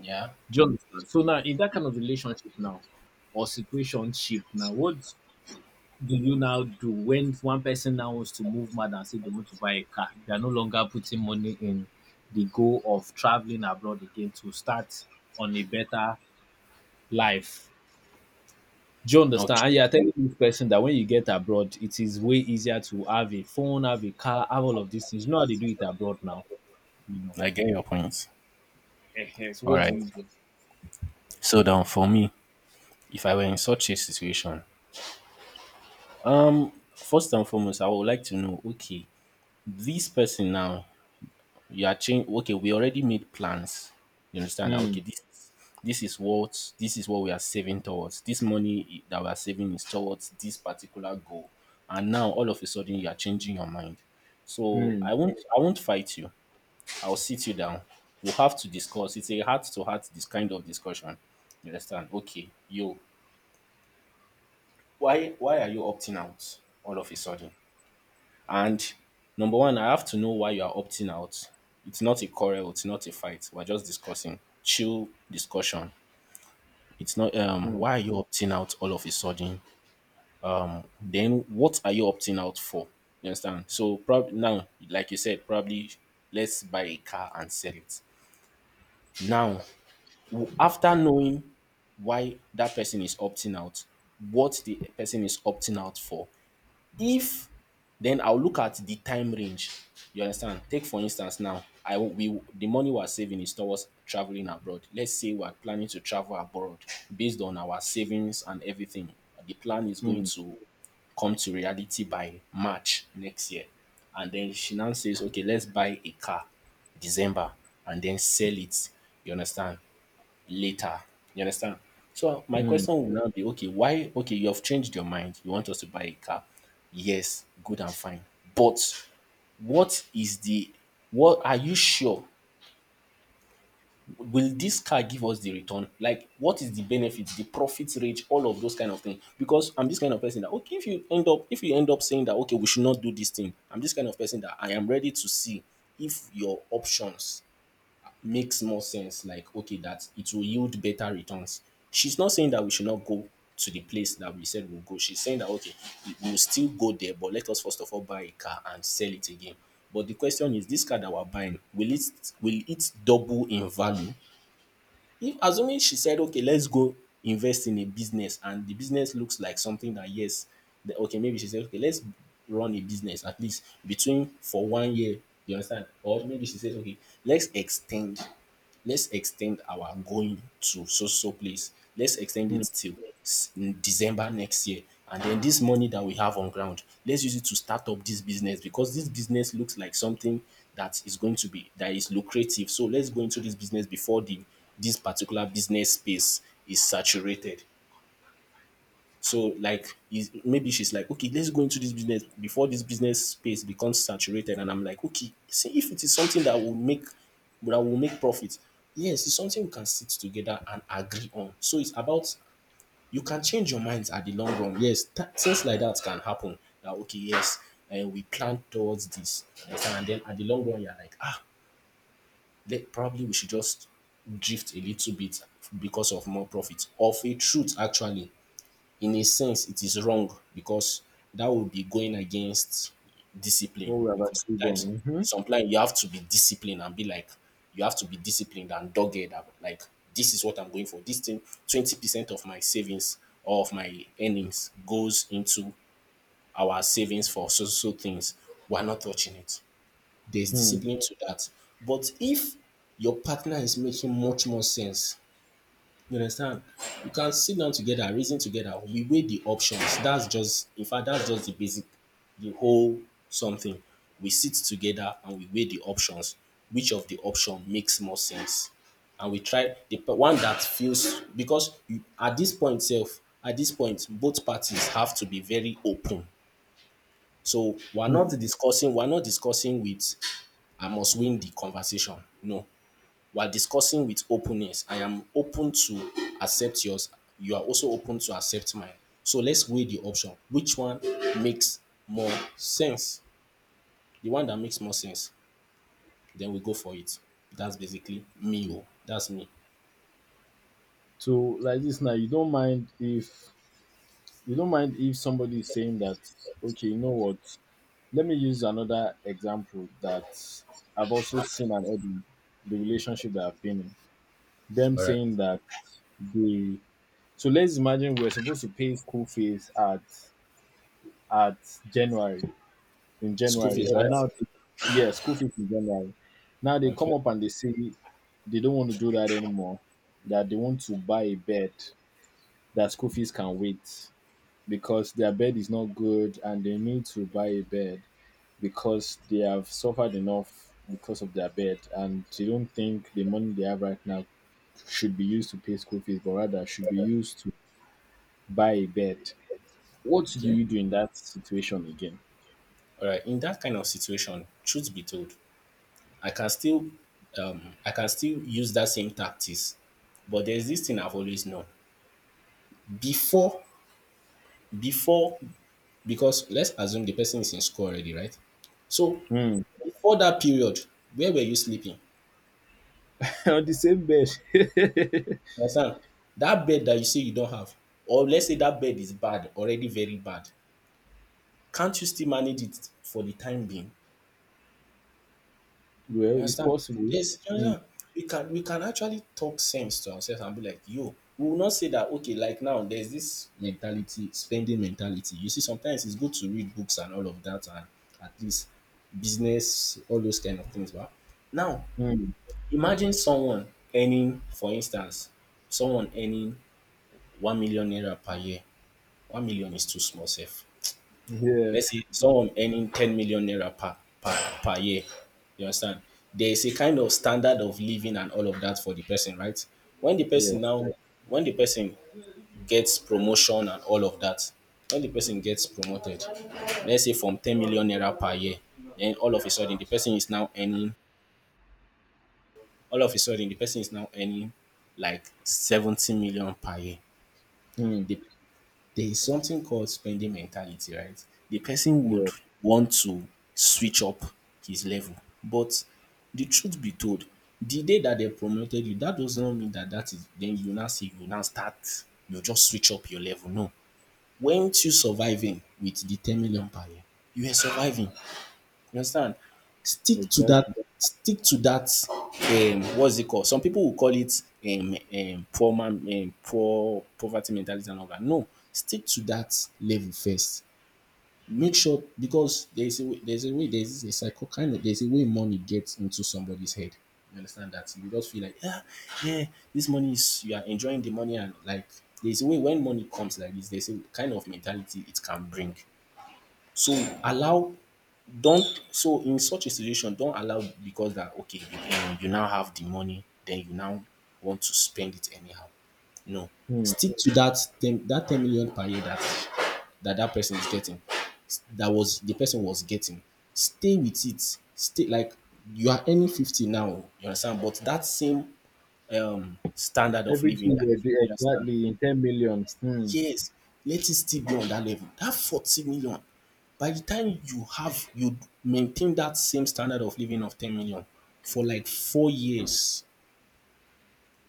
S1: Yeah.
S2: Do you understand? So now, in that kind of relationship now, or situation ship now, what do you now do when one person now wants to move mad and say they want to buy a car? They are no longer putting money in the goal of traveling abroad again to start on a better life. Do you understand? And
S1: Okay.
S2: you are telling this person that when you get abroad, it is way easier to have a phone, have a car, have all of these things. You know how they do it abroad now, you know.
S1: I get your point.
S2: Ehen, so
S1: All
S2: what do
S1: right.
S2: you do?
S1: So then for me, if I were in such a situation, first and foremost, I would like to know, okay, this person now, you are change, okay, we already made plans, you understand, that okay,
S2: Mm,
S1: this this is what this is what we are saving towards, this money that we are saving is towards this particular goal, and now all of a sudden you are changing your mind. So i
S2: mm,
S1: won't I won't fight you. I'll sit you down. We'll have to discuss, it's a heart to heart, this kind of discussion. You understand? Okay, you, why why are you opting out all of a sudden? And number one, I have to know why you are opting out. It's not a quarrel, it's not a fight. We're just discussing. Chill discussion. It's not um
S2: mm,
S1: why are you opting out all of a sudden? Then what are you opting out for? You understand? So probably now, like you said, probably let's buy a car and sell it. Now, w- after knowing why that person is opting out, what the person is opting out for, if then I'll look at the time range. You understand? Take for instance now, I will- we the money we're saving is towards traveling abroad. Let's say we're planning to travel abroad based on our savings and everything. The plan is going
S2: mm,
S1: to come to reality by March next year. And then she now says, okay, let's buy a car December and then sell it. You understand? Later. You understand? So my
S2: mm,
S1: question will now be okay, why, okay, you have changed your mind. You want us to buy a car. Yes, good and fine. But what is the what are you sure, will this car give us the return? Like, what is the benefit, the profit rate, all of those kind of things? Because I'm this kind of person that, okay, if you end up if you end up saying that, okay, we should not do this thing, I'm this kind of person that I am ready to see if your options makes more sense. Like, okay, that it will yield better returns. She's not saying that we should not go to the place that we said we'll go, she's saying that, okay, we- will still go there, but let us first of all buy a car and sell it again. But the question is, this car that we're buying, will it will it double in value? If assuming she said, okay, let's go invest in a business and the business looks like something that, yes, the, okay, maybe she said, okay, let's run a business at least between for one year. You understand? Or maybe she says, okay, let's extend, let's extend our going to so so place. Let's extend it
S2: mm.
S1: till s- December next year. And then this money that we have on ground, let's use it to start up this business, because this business looks like something that is going to be that is lucrative. So let's go into this business before the this particular business space is saturated. So like is- maybe she's like, okay, let's go into this business before this business space becomes saturated. And I'm like, okay, see if it is something that will make that will make profit. Yes, it's something we can sit together and agree on. So it's about, you can change your minds at the long run. Yes, th- things like that can happen. That, okay, yes, and we plan towards this, you understand? And then at the long run, you're like, ah, that probably we should just drift a little bit because of more profit. Of a truth, actually, in a sense, it is wrong because that would be going against discipline.
S2: What we have
S1: Because
S2: agreed
S1: sometimes,
S2: on. Mhm.
S1: sometimes you have to be disciplined and be like, you have to be disciplined and dogged. About, like, this is what I'm going for. This thing, twenty percent of my savings or of my earnings goes into our savings for so so things. We're not touching it. There's
S2: Mm,
S1: discipline to that. But if your partner is making much more sense, you understand? You can sit down together, reason together, we weigh the options. That's just, in fact, that's just the basic, the whole something. We sit together and we weigh the options. Which of the option makes more sense? And we try the p- one that feels, because you, at this point, self, at this point, both parties have to be very open. So we're not
S2: mm.
S1: discussing, we're not discussing with I must win the conversation. No. We're discussing with openness. I am open to accept yours. You are also open to accept mine. So let's weigh the option. Which one makes more sense? The one that makes more sense, then we go for it. That's basically me. Oh. That's me.
S2: So like this now, you don't mind if you don't mind if somebody is saying that okay, you know what? Let me use another example that I've also seen and heard in the relationship that I've been in. Them
S1: All right.
S2: saying that the so let's imagine we're supposed to pay school fees at at January in
S1: School
S2: January
S1: fees,
S2: and
S1: right?
S2: now they, yeah, school fees in January, now they
S1: Okay.
S2: come up and they say they don't want to do that anymore, that they want to buy a bed, that school fees can wait because their bed is not good and they need to buy a bed because they have suffered enough because of their bed and they don't think the money they have right now should be used to pay school fees but rather should be used to buy a bed. What do
S1: Okay.
S2: you do in that situation again?
S1: All right. In that kind of situation, truth be told, I can still um, I can still use that same tactics. But there's this thing I've always known. Before, before, because let's assume the person is in school already, right? So
S2: Hmm.
S1: before that period, where were you sleeping?
S2: On the same bed.
S1: You understand? That bed that you say you don't have, or let's say that bed is bad, already very bad. Can't you still manage it for the time being? You
S2: Well, it's
S1: understand?
S2: possible.
S1: Yes, you
S2: Hmm.
S1: understand? We can we can actually talk sense to ourselves and be like, yo, we will not say that, okay, like, now there's this mentality, spending mentality. You see, sometimes it's good to read books and all of that and, at least, business, all those kind of things. But now
S2: Hmm.
S1: imagine someone earning, for instance, someone earning one million naira per year. One million is too small, safe,
S2: Yeah,
S1: let's say someone earning ten million naira per, per, per year. You understand? There is a kind of standard of living and all of that for the person, right? When the
S2: yeah.
S1: person now, when the person gets promotion and all of that, when the person gets promoted, let's say from ten million naira per year, then all of a sudden the person is now earning, all of a sudden the person is now earning like seventy million per year.
S2: Hmm.
S1: The There is something called spending mentality, right? The person would
S2: Yeah,
S1: want to switch up his level, but the truth be told, the day that they promoted you, that does not mean that that is then you now say you now start, you just switch up your level. No. Weren't you surviving with the ten million per year? You were surviving. You understand? Stick to that,
S2: exactly.
S1: stick to that, um, what's it called? Some people will call it um, um, poor man, um, poor poverty mentality and all that. No, stick to that level first. Make sure, because there's a way, there's a way, there's a psycho kind of, there's a way money gets into somebody's head. You understand that? You just feel like, ah, yeah, this money is, you are enjoying the money, and like, there's a way when money comes like this, there's a kind of mentality it can bring. So allow don't, so in such a situation, don't allow, because that, okay, you, um, you now have the money, then you now want to spend it anyhow. No,
S2: Hmm.
S1: stick to that ten that ten million per year that that that person is getting, that was the person was getting. Stay with it. Stay, like, you are earning fifty now, you understand, but that same, um, standard of living,
S2: Everything
S1: you
S2: they do
S1: understand.
S2: exactly in ten million. Hmm.
S1: Yes, let it still be on that level. That forty million, by the time you have, you maintain that same standard of living of ten million for like four years.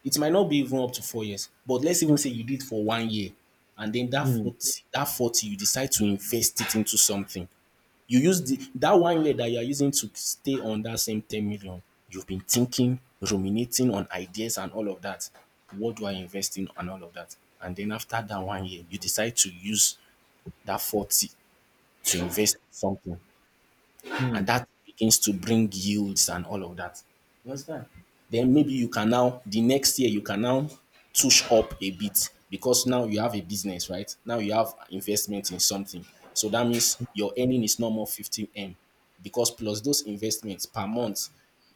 S1: It might not be even up to four years, but let's even say you did for one year. And then that
S2: Hmm.
S1: 40, that forty you decide to invest it into something. You use the that one year that you are using to stay on that same ten million, you've been thinking, ruminating on ideas and all of that. What do I invest in and all of that? And then after that one year, you decide to use that forty to invest in something. And
S2: Hmm.
S1: that begins to bring yields and all of that. Then maybe you can now, the next year, you can now touch up a bit because now you have a business, right? Now you have investment in something. So that means your earning is no more fifteen M, because plus those investments per month,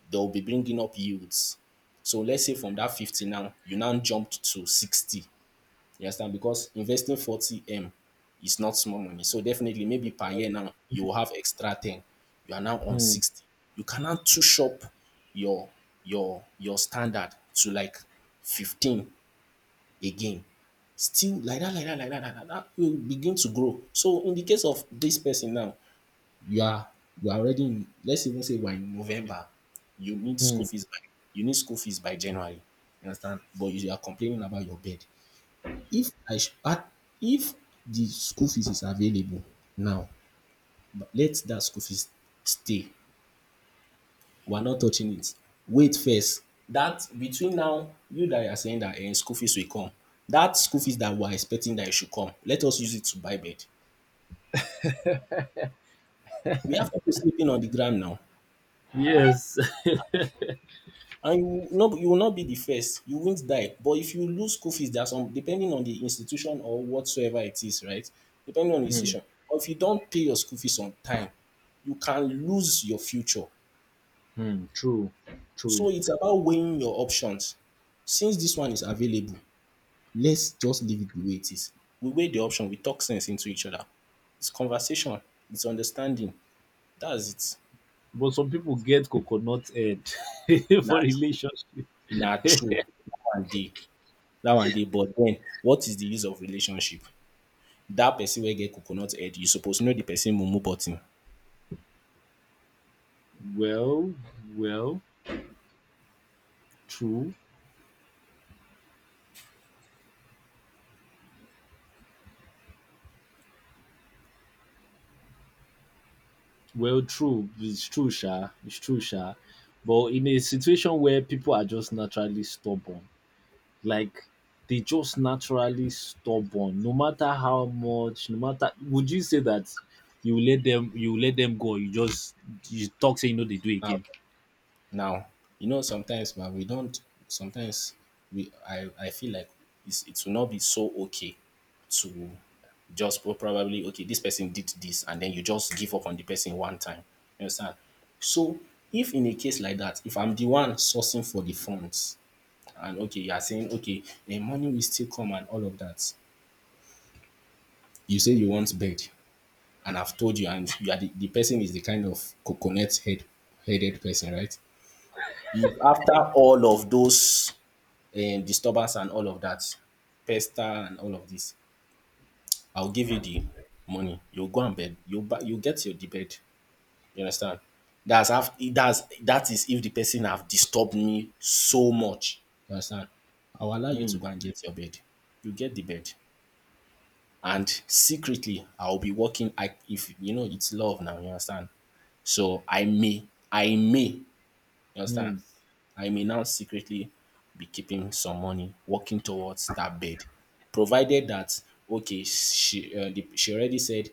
S1: they'll be bringing up yields. So let's say from that fifty now, you now jumped to sixty. You understand? Because investing forty M is not small money. So definitely, maybe per year now, you will have extra ten. You are now on
S2: Hmm,
S1: sixty. You cannot push up your your your standard to like fifteen again. Still like that, like that, like that, like that, that will begin to grow. So in the case of this person now, you are you are already in, let's even say we're in November. You need school
S2: hmm.
S1: fees by you need school fees by January. You understand? But you are complaining about your bed. If I sh- at if the school fees is available now, but let that school fees stay. We're not touching it. Wait first. That between now, you that are saying that, eh, school fees will come. That school fees that we're expecting that it should come, let us use it to buy bed. We have people sleeping on the ground now.
S2: Yes.
S1: And you, no, you will not be the first, you won't die. But if you lose school fees, there are some, depending on the institution or whatsoever it is, right? Depending on the
S2: Hmm,
S1: institution, or if you don't pay your school fees on time, you can lose your future.
S2: hmm. True. True.
S1: So it's about weighing your options. Since this one is available, let's just leave it the way it is. We weigh the option, we talk sense into each other. It's conversation, it's understanding. That's it.
S2: But some people get coconut head.
S1: Na
S2: For
S1: true.
S2: relationship.
S1: Na true. That one day. That one day. But then, what is the use of relationship? Dat person wey get coconut head, you suppose know the person mumu button.
S2: Well, well, true. Well, true. It's true, Sha. It's true, Sha. But in a situation where people are just naturally stubborn, like they just naturally stubborn, no matter how much, no matter would you say that you let them you let them go, you just you talk say you know they do
S1: Now,
S2: again.
S1: now, you know, sometimes ma we don't, sometimes we, I I feel like it's, it will not be so okay to just pro- probably, okay, dis person did dis and den you just give up on the person one time, you understand. So if in a case like dat, if I'm the one sourcing for the funds and, okay, you are saying, okay, um, money will still come and all of dat, you say you want bed. And I've told you, and you are the, the person is the kind of coconut head headed person, right? If after all of those, um, disturbance and all of that, pester and all of this, I'll give you the money. You'll go and bed. You buy, you get your the bed. You understand? That's af- that's, that is if the person have disturbed me so much. You understand? I'll allow you
S2: Hmm.
S1: to go and get your bed. You get the bed. And secretly, I'll be working. I if you know it's love now, you understand. So I may, I may, you understand.
S2: Hmm.
S1: I may now secretly be keeping some money, working towards that bed, provided that okay, she uh, the, she already said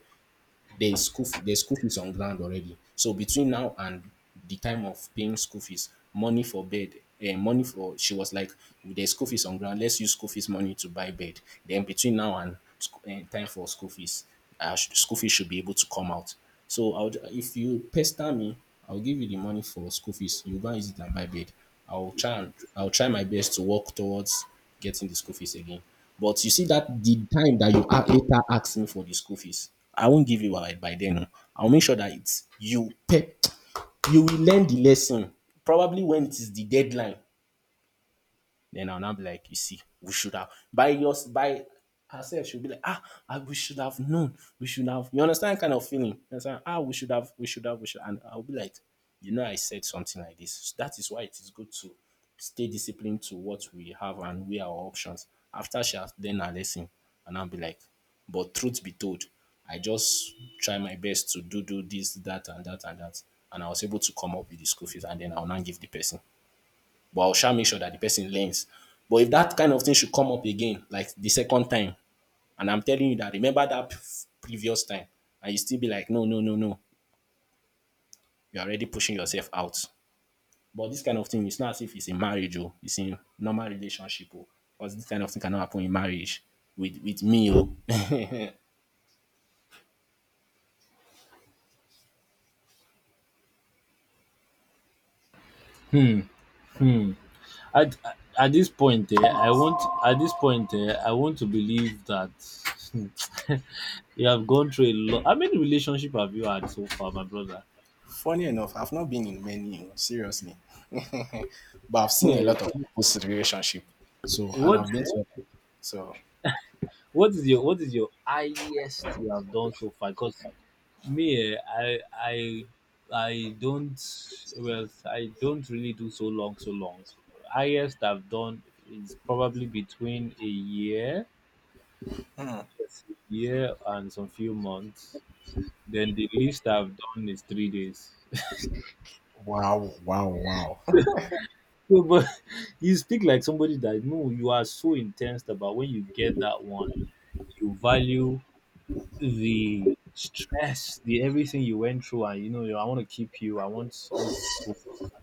S1: there is school fee- there's school fees on ground already. So between now and the time of paying school fees, money for bed, eh, money for she was like, there's school fees on ground. Let's use school fees money to buy bed. Then between now and sc- eh, time for school fees, uh, sh- school fees should be able to come out. So I would, if you pester me, I'll give you the money for school fees. You go and use it and buy bed. I'll try and I'll try my best to work towards getting the school fees again. But you see that the time that you are later asking for the school fees, I won't give you by, by then. No. I'll make sure that it's you pay, you will learn the lesson. Probably when it is the deadline, then I'll now be like, you see, we should have by yours by herself, she'll be like, ah, I, we should have known. We should have, you understand, kind of feeling. You understand? Ah, we should have, we should have, we should, and I'll be like, you know, I said something like this. So that is why it is good to stay disciplined to what we have and weigh our options. After she has learned her lesson, and I'll be like, but truth be told, I just try my best to do do this, that, and that, and that. And I was able to come up with the school fees, and then I'll not give the person but I'll sha make sure that the person learns. But if that kind of thing should come up again, like the second time, and I'm telling you that remember that previous time, and you still be like, no, no, no, no, you're already pushing yourself out. But this kind of thing, it's not as if it's in marriage or it's in normal relationship or because this kind of thing cannot happen in marriage with with me. Oh.
S2: Hmm, hmm. At at this point, eh, I want at this point, eh, I want to believe that you have gone through a lot. How many relationship have you had so far, my brother?
S1: Funny enough, I've not been in many, oh, seriously, but I've seen a
S2: Eh,
S1: lot of people's relationship. So and
S2: what
S1: I've been to so.
S2: what is your what is your highest you have done so far? Because me, eh, I I I don't, well, I don't really do so long, so long. Highest I've done is probably between a year, yes, a year and some few months. Then the least I've done is three days.
S1: Wow, wow, wow.
S2: No, but you speak like somebody that no, you are so intense about when you get that one, you value the stress, the everything you went through, and you know, you- I want to keep you. I want us to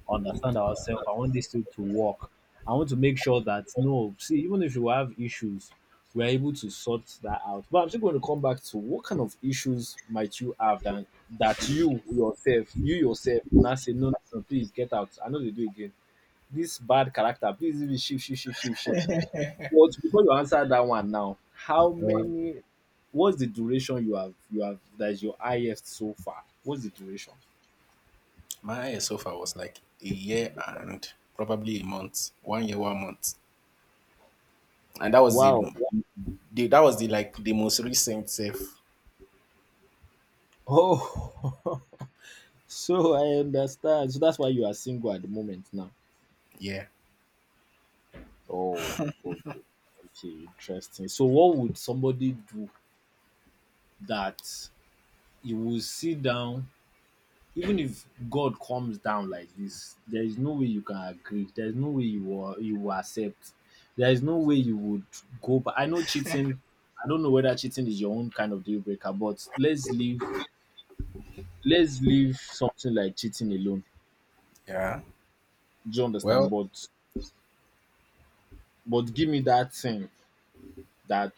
S2: understand ourselves. I want this thing to work. I want to make sure that no, see, even if you have issues, we're able to sort that out. But I'm still going to come back to what kind of issues might you have that that you yourself, you yourself, will not say no, no, no, please get out. I know they do again. This bad character, please leave it, shift, shift, shift, shift, shift. But before you answer that one now, how many? What's the duration you have? You have that is your highest so far. What's the duration?
S1: My highest so far was like a year and probably a month, one year, one month, and that was the,
S2: Wow.
S1: the that was the like the most recent safe.
S2: Oh, so I understand. So that's why you are single at the moment now.
S1: Yeah.
S2: Oh, okay, okay, interesting. So what would somebody do that you will sit down even if God comes down like this, there is no way you can agree. There is no way you will you will accept. There is no way you would go. But I know cheating. I don't know whether cheating is your own kind of deal breaker, but let's leave let's leave something like cheating alone. Do you understand?
S1: Well,
S2: But but give me that thing that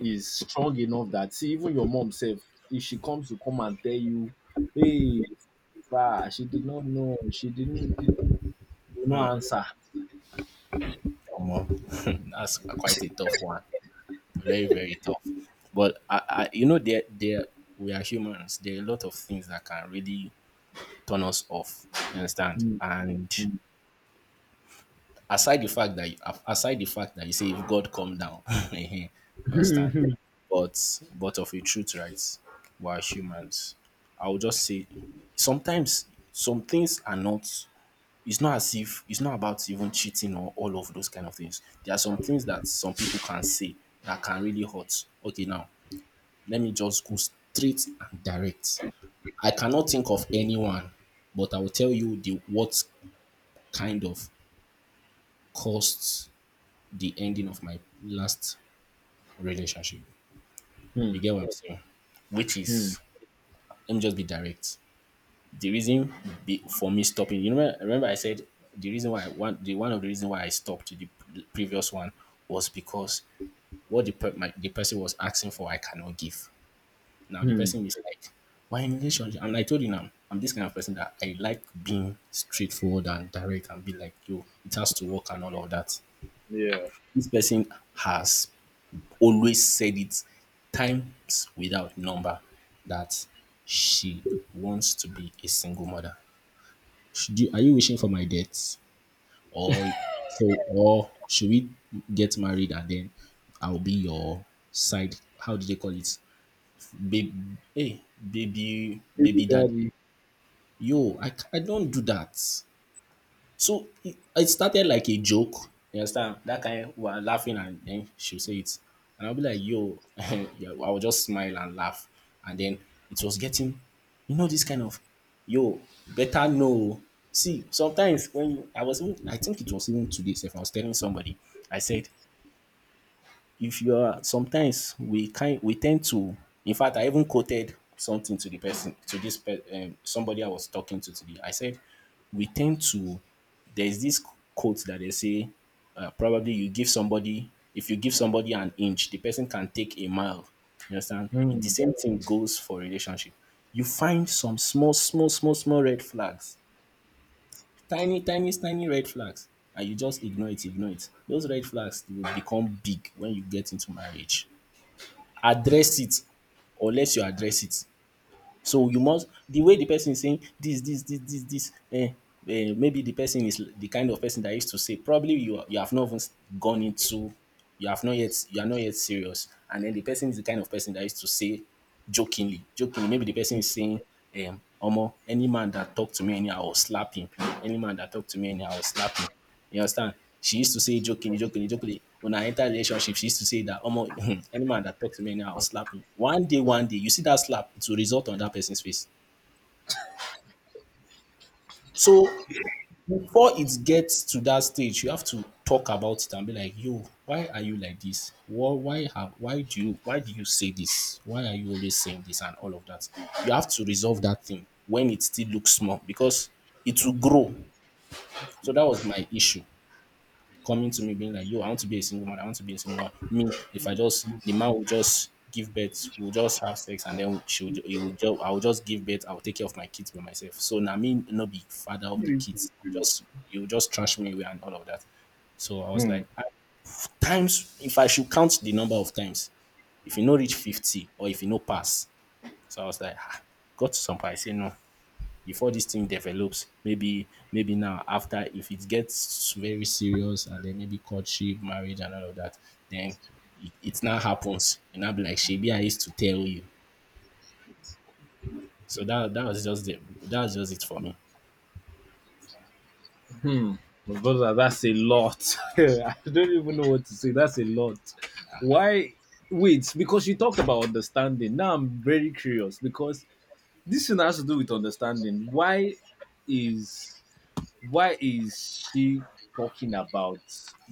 S2: is strong enough that see even your mom self, if she comes to come and tell you, hey, bah, she did not know, she didn't you know answer.
S1: omo, that's quite a tough one. Very, very tough. But I, I you know, there, there we are humans. There are a lot of things that can really turn us off. You understand?
S2: Mm,
S1: And
S2: mm.
S1: aside the fact that you, aside the fact that you say if God come down, you understand.
S2: Hmm.
S1: But but of a truth, right? We're humans. I will just say sometimes some things are not. It's not as if it's not about even cheating or all of those kind of things. There are some things that some people can say that can really hurt. Okay, now let me just go straight and direct. I cannot think of anyone, but I will tell you the what kind of costs the ending of my last relationship.
S2: Hmm.
S1: You get what I'm saying? Which
S2: Hmm.
S1: is, let me just be direct. The reason be, for me stopping, you remember, remember I said the reason why I want the one of the reason why I stopped the p- previous one was because what the per, my, the person was asking for, I cannot give. Now the
S2: Hmm.
S1: person is like, why in relationship? And I told you now, I'm this kind of person that I like being straightforward and direct and be like, yo, it has to work and all of that.
S2: Yeah.
S1: This person has always said it times without number that she wants to be a single mother. Should you, are you wishing for my death, or so, or should we get married and then I'll be your side? How do they call it? Baby, hey, baby,
S2: Baby
S1: baby, dad.
S2: daddy.
S1: Yo, I, c- I don't do that. So it, it started like a joke. You understand? That kind we were laughing and then she'll say it. And I'll be like, yo, yeah, I will just smile and laugh. And then it was getting, you know, this kind of, yo, better know. See, sometimes when you, I was, even, I think it was even today, if I was telling somebody, I said, if you are sometimes we kind we tend to, in fact I even quoted something to the person to this per, um, somebody I was talking to today. I said we tend to there's this quote that they say, uh, probably you give somebody, if you give somebody an inch the person can take a mile. You understand, the
S2: Hmm.
S1: same thing goes for relationship. You find some small small small small red flags, tiny tiny tiny red flags, and you just ignore it ignore it. Those red flags will become big when you get into marriage. Address it, unless you address it. So you must the way the person is saying this this this this this eh, um maybe the person is the kind of person that used to say, probably you are- you have not even gone into, you have not yet, you are not yet serious, and then the person is the kind of person that used to say jokingly, jokingly, maybe the person is saying, um omo any man that talk to me anyhow I will slap him, any man that talk to me anyhow I will slap him, you understand? She used to say jokingly, jokingly, jokingly. When I entered relationship, she used to say that almost any man that talks to me now, I'll slap him. One day, one day, you see that slap, it will result on that person's face. So before it gets to that stage, you have to talk about it and be like, yo, why are you like this? Why why have why do you why do you say this? Why are you always saying this and all of that? You have to resolve that thing when it still looks small because it will grow. So that was my issue. Coming to me being like, yo, I want to be a single mother, I want to be a single mother. Me, if I just the man will just give birth, we'll just have sex and then she will, ju- he will just, I will just give birth, I will take care of my kids by myself. So now me not be father of the kids. Just you just trash me away and all of that. So I was
S2: Hmm.
S1: like, at times if I should count the number of times, if you no reach fifty or if you no pass. So I was like, ah, got to some point, I say no before this thing develops. Maybe maybe now after if it gets very serious and then maybe courtship, marriage, and all of that, then it, it now happens. And I'll be like, Shebi, I used to tell you. So that that was just the, that was just it for me.
S2: Hmm. My brother, that's a lot. I don't even know what to say. That's a lot. Why? Wait, because you talked about understanding. Now I'm very curious because this thing has to do with understanding. Why is why is she talking about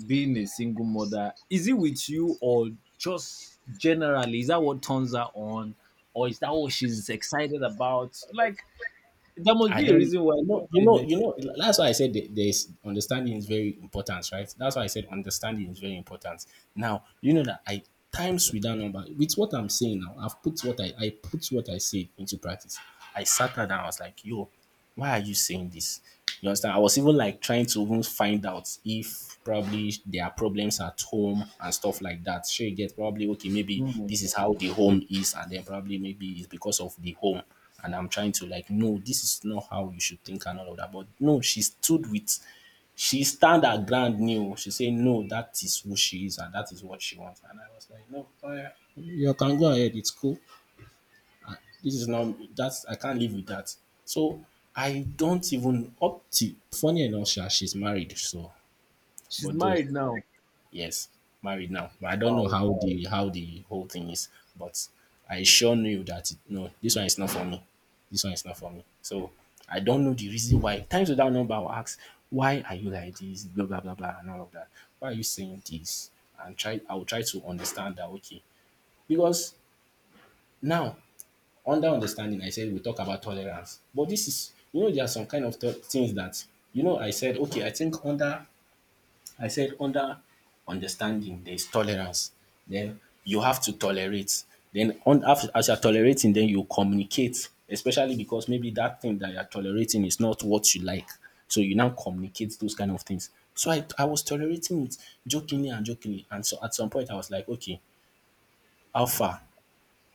S2: being a single mother? Is it with you or just generally? Is that what turns her on? Or is that what she's excited about? Like, there must
S1: I
S2: be a
S1: don't
S2: reason why
S1: you know you
S2: it
S1: know
S2: mentioned.
S1: you know that's why I said that there's understanding is very important, right? That's why I said understanding is very important. Now you know that I times with that number with what I'm saying now, I've put what I I put what I said into practice. I sat her down, I was like, yo, why are you saying this? You understand? I was even like trying to even find out if probably there are problems at home and stuff like that. Sure, you get probably okay, maybe
S2: Hmm,
S1: this is how the home is, and then probably maybe it's because of the home. And I'm trying to like, no, this is not how you should think and all of that. But no, she stood with she stand her ground new. She said, no, that is who she is and that is what she wants. And I was like, no, oh yeah, you can go ahead, it's cool. This is now that's I can't live with that. So I don't even up to funny enough, sha, she's married, so
S2: she's
S1: but though,
S2: married now.
S1: yes, married now. But I don't know
S2: Wow.
S1: how the how the whole thing is. But I sure knew that no, this one is not for me. This one is not for me. So I don't know the reason why. Times without number I will ask, why are you like this? Blah blah blah blah and all of that. Why are you saying this? And try I will try to understand that, okay. Because now under understanding, I said, we talk about tolerance. But this is, you know, there are some kind of th- things that, you know, I said, okay, I think under, I said under understanding, there is tolerance. Then you have to tolerate. Then on, af- as you're tolerating, then you communicate, especially because maybe that thing that you're tolerating is not what you like. So you now communicate those kind of things. So I, I was tolerating it jokingly and jokingly. And so at some point, I was like, okay, how far?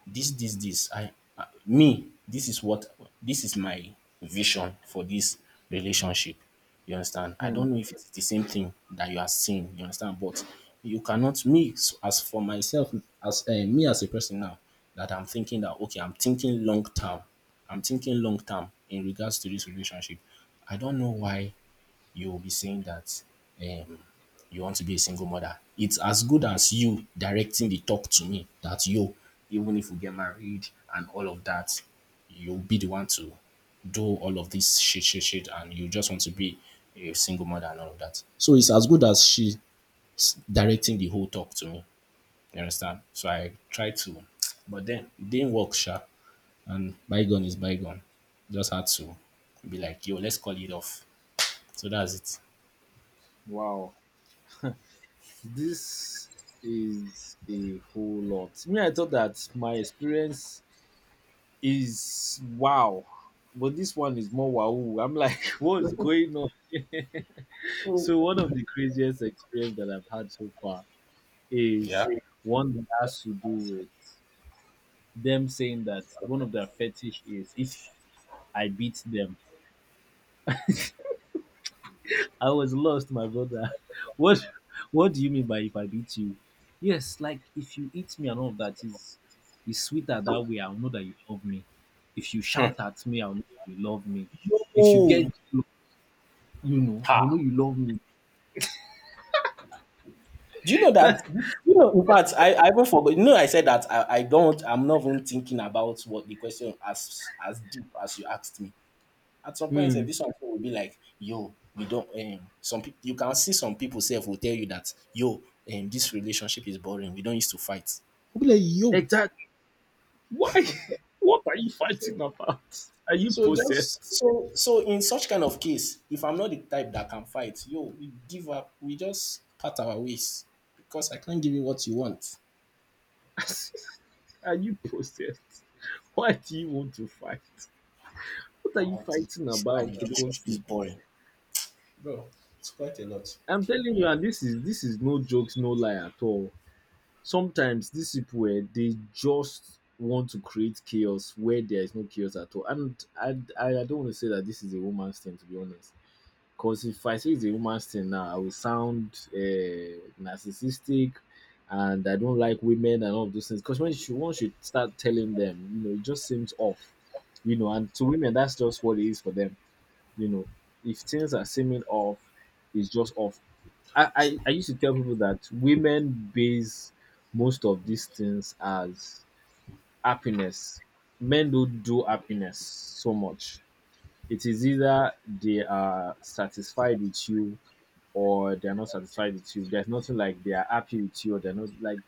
S1: this this this i I- Me, this is what, this is my vision for this relationship. You understand? I
S2: Hmm,
S1: don't know if it's the same thing that you are seeing, you understand, but you cannot me. So as for myself, as uh, me as a person now, that I'm thinking that, okay, I'm thinking long term, I'm thinking long term in regards to this relationship. I don't know why you will be saying that, um, you want to be a single mother. It's as good as you directing the talk to me that, yo, even if we get married and all of that, you'll be the one to do all of this shit, shit, shit, and you just want to be a single mother and all of that. So it's as good as she directing the whole talk to me. You understand? So I tried to, but then it didn't work, sha. And bygone is bygone. Just had to be like, yo, let's call it off. So that's it.
S2: wow. This is a whole lot. Me, I thought that my experience is wow. But this one is more wow. I'm like, what is going on?
S1: So
S2: So one of the craziest experience that I've had so far
S1: yeah.
S2: is one that has to do with them saying that one of their fetish is if I beat them. I was lost, my brother. What what do you mean by if I beat you? Yes, like if you eat me and all of that is is sweeter that way, I'll know that you love me. If you shout at me, I'll know you love me. If you
S1: Oh,
S2: get you know, I'll know you love me.
S1: do you know that? this- You know, in fact, I, I even forgot. You know, I said that I, I don't. I'm not even thinking about what the question as as deep as you asked me. At some point, sef,
S2: Hmm.
S1: this one will be like, yo, we don't. Um, some people, you can see some people self will tell you that, yo, um, this relationship is boring. We don't used to fight.
S2: Exactly. Why? What are you fighting about? Are you
S1: So just
S2: possessed?
S1: so so in such kind of case, if I'm not the type that can fight, yo, we give up. We just part our ways because I can't give you what you want,
S2: Are you possessed? Why do you want to fight? What are you fighting
S1: and
S2: about
S1: the
S2: for God's
S1: relationship is
S2: sake?
S1: boring.
S2: I'm telling you, and this is this is no jokes, no lie at all. Sometimes these people eh, they just want to create chaos where there is no chaos at all. And I I, I don't want to say that this is a woman's thing to be honest. Because if I say it's a woman's thing now, I will sound uh, narcissistic and I don't like women and all of those things. Because when she once you start telling them, you know, it just seems off. You know, and to women that's just what it is for them. You know, if things are seeming off, it's just off. I, I, I used to tell people that women base most of these things as happiness. Men don't do happiness so much. It is either they are satisfied with you or they're not satisfied with you. There's nothing like they are happy with you or they're not like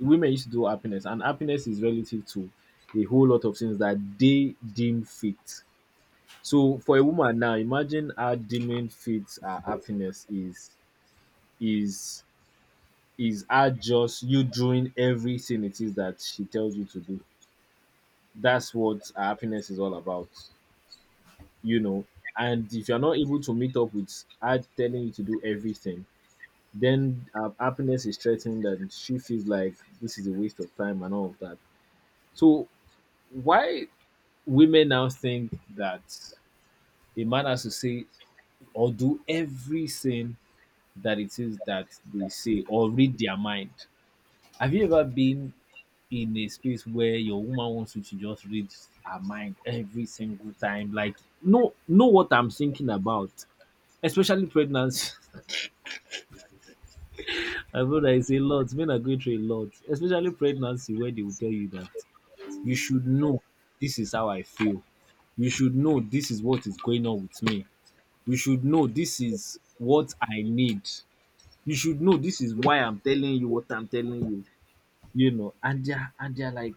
S2: women used to do happiness, and happiness is relative to a whole lot of things that they deem fit. So for a woman now, imagine how deeming fit her happiness is is is her just you doing everything it is that she tells you to do. That's what her happiness is all about, you know. And if you're not able to meet up with her telling you to do everything, then her happiness is threatened and she feels like this is a waste of time and all of that. So why women now think that a man has to say or do everything that it is that they say or read their mind. Have you ever been in a space where your woman wants you to just read her mind every single time? Like know know what I'm thinking about. Especially pregnancy. I feel that it's a lot. Men are going through a lot. Especially pregnancy where they will tell you that you should know this is how I feel. You should know this is what is going on with me. You should know this is what I need. You should know this is why I'm telling you what I'm telling you. You know, and they're and they're like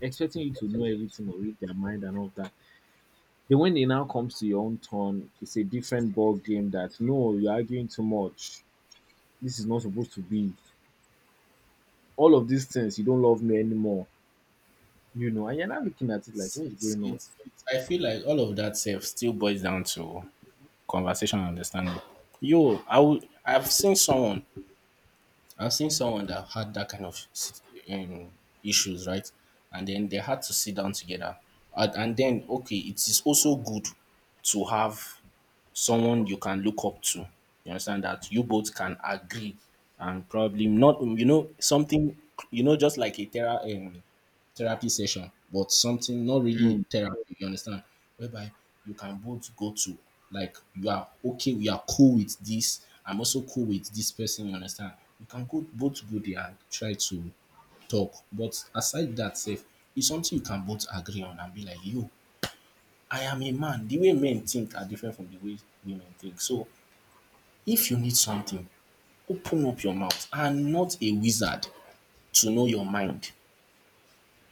S2: expecting you to know everything or read their mind and all that. Then when it now comes to your own turn, it's a different ball game that no, you're arguing too much. This is not supposed to be. All of these things, you don't love me anymore. You know, and you're not looking at it like what's
S1: It's,
S2: going on.
S1: it's, I feel like all of that self still boils down to conversation and understanding. Yo, I would, I've seen someone, I've seen someone that had that kind of um, issues, right? And then they had to sit down together. And, and then, okay, it is also good to have someone you can look up to. You understand that you both can agree, and probably not, you know, something, you know, just like a thera- um, therapy session, but something not really
S2: Mm.
S1: therapy, you understand, whereby you can both go to, like, you are okay, we are cool with this. I'm also cool with this person, you understand. You can go both go there and try to talk. But aside that, safe, it's something you can both agree on and be like, yo, I am a man. The way men think are different from the way women think. So, if you need something, open up your mouth. I'm not a wizard to know your mind.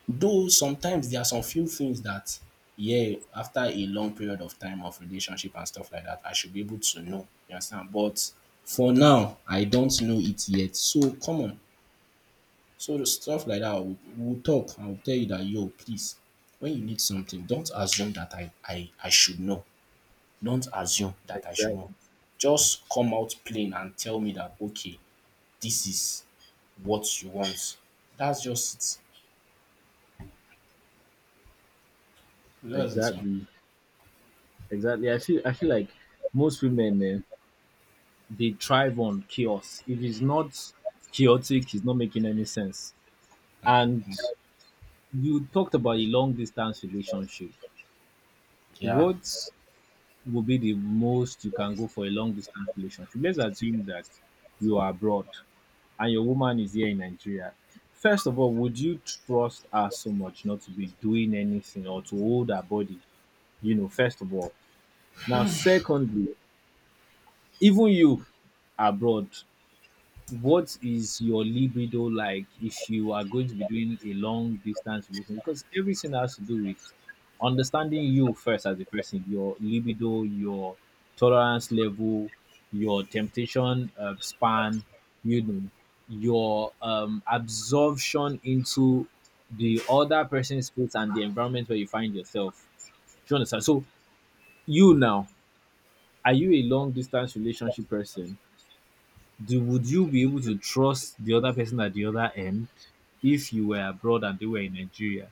S1: Though sometimes there are some few things that, yeah, after a long period of time of relationship and stuff like that, I should be able to know. You understand? But for now, I don't know it yet. So, come on. So, the stuff like that, we'll, we'll talk. I'll tell you that, yo, please, when you need something, don't assume that I, I, I should know. Don't assume that I should know.
S2: Exactly,
S1: Just come out plain and tell me that, okay, this is what you want. That's just it. That's it, man.
S2: exactly. Exactly. I feel I feel like most women eh, they thrive on chaos. If it's not chaotic, it's not making any sense. And you talked about a long distance relationship.
S1: Yeah.
S2: What will be the most you can go for a long distance relationship? Let's assume that you are abroad and your woman is here in Nigeria. First of all, would you trust her so much not to be doing anything or to hold her body? You know, first of all. Now, secondly, even you abroad, what is your libido like if you are going to be doing a long distance relationship? Because everything has to do with understanding you first as a person, your libido, your tolerance level, your temptation uh, span, you know, your um, absorption into the other person's space and the environment where you find yourself. Do you understand? So, you now, are you a long distance relationship person? Do would you be able to trust the other person at the other end if you were abroad and they were in Nigeria?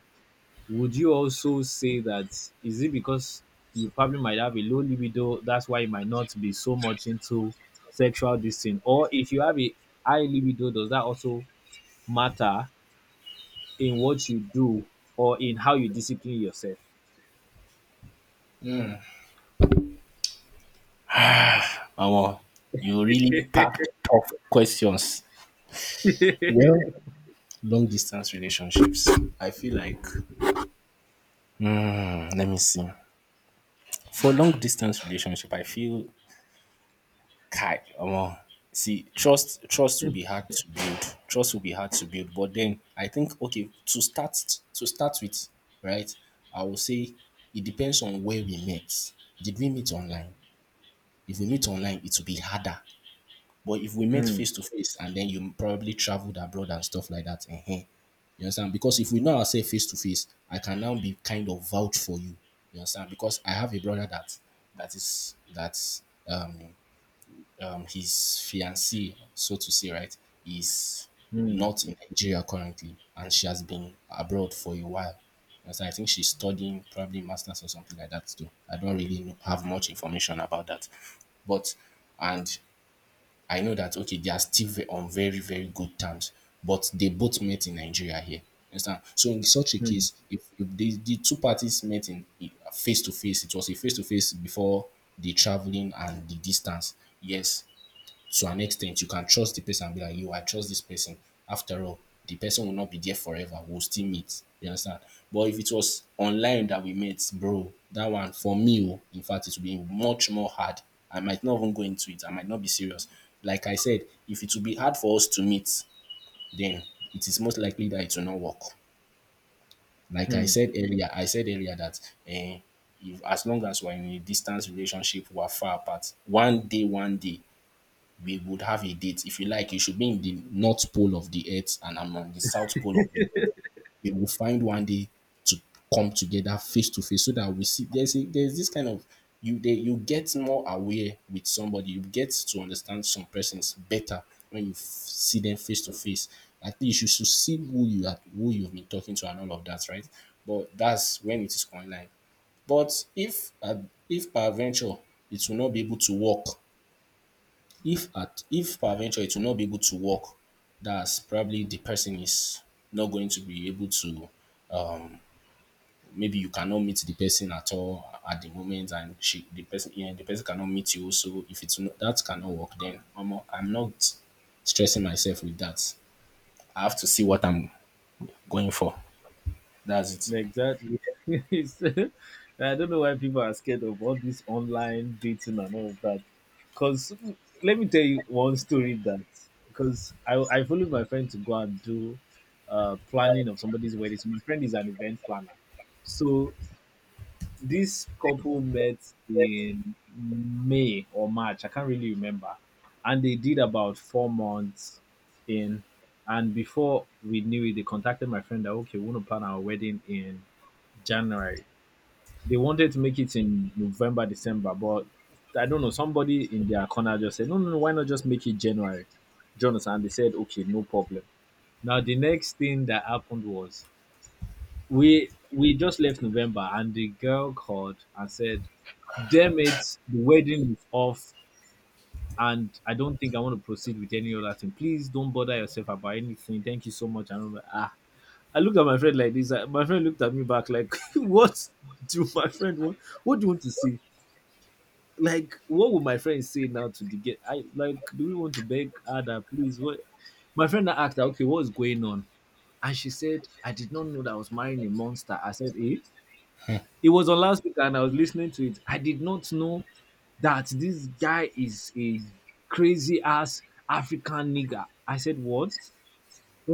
S2: Would you also say that is it because you probably might have a low libido, that's why you might not be so much into sexual this thing? Or if you have a high libido, does that also matter in what you do or in how you discipline yourself?
S1: Omo, you really packed tough questions. Well, long distance relationships. I feel like, hmm, let me see. For long distance relationship, I feel, kai, omo, see, trust trust will be hard to build. Trust will be hard to build. But then I think, okay, to start to start with, right? I will say it depends on where we met. Did we meet online? If we meet online, it will be harder. But if we met
S2: Hmm,
S1: face to face and then you probably traveled abroad and stuff like that, uh you understand? Because if we know ourselves face to face, I can now be kind of vouch for you. You understand? Because I have a brother that that is that um um, his fiancee, so to say, right, is
S2: hmm,
S1: not in Nigeria currently, and she has been abroad for a while. And so I think she's studying probably masters or something like that too. I don't really know, have much information about that, but and I know that, okay, they are still ve- on very very good terms, but they both met in Nigeria here. You understand? So in such a
S2: hmm,
S1: case, if, if the, the two parties met in face to face, it was a face to face before the traveling and the distance. Yes, to an extent, you can trust the person and be like, you, I trust this person. After all, the person will not be there forever. We'll still meet. You understand? But if it was online that we met, bro, that one for me, oh, in fact, it would be much more hard. I might not even go into it. I might not be serious. Like I said, if it will be hard for us to meet, then it is most likely that it will not work. Like I
S2: hmm.
S1: said earlier, I said earlier that, eh, if, as long as we're in a distance relationship, we're far apart. One day, one day, we would have a date. If you like, you should be in the north pole of the earth and I'm on the south pole of the earth. We will find one day to come together face to face so that we see there's a, there's this kind of you they, you get more aware with somebody. You get to understand some persons better when you f- see them face to face. At least you should should see who you are, who you've been talking to, and all of that, right? But that's when it is online. But if uh, if per venture it will not be able to work, if at if peradventure it will not be able to work, that's probably the person is not going to be able to, maybe you cannot meet the person at all at the moment and she the person, yeah, the person cannot meet you. So if it's not, that cannot work, then I'm not, I'm not stressing myself with that. I have to see what I'm going for. That's it.
S2: Exactly. It's- I don't know why people are scared of all this online dating and all of that. Because let me tell you one story that, because I, I followed my friend to go and do uh, planning of somebody's wedding. So my friend is an event planner. So this couple met in May or March, I can't really remember. And they did about four months in. And before we knew it, they contacted my friend that, okay, we want to plan our wedding in January. They wanted to make it in November, December, but I don't know. Somebody in their corner just said, no, no, no, why not just make it January? Jonathan, and they said, okay, no problem. Now, the next thing that happened was we we just left November, and the girl called and said, damn it, the wedding is off, and I don't think I want to proceed with any other thing. Please don't bother yourself about anything. Thank you so much. And I'm like, ah, I looked at my friend like this. I, my friend looked at me back like, "What do my friend want? What do you want to say? Like, what would my friend say now to the get? I like, do we want to beg Ada, please? What?" My friend now asked her, "Okay, what is going on?" And she said, "I did not know that I was marrying a monster." I said, "Eh?" It was on loudspeaker, and I was listening to it. I did not know that this guy is a crazy ass African nigger. I said, "What?"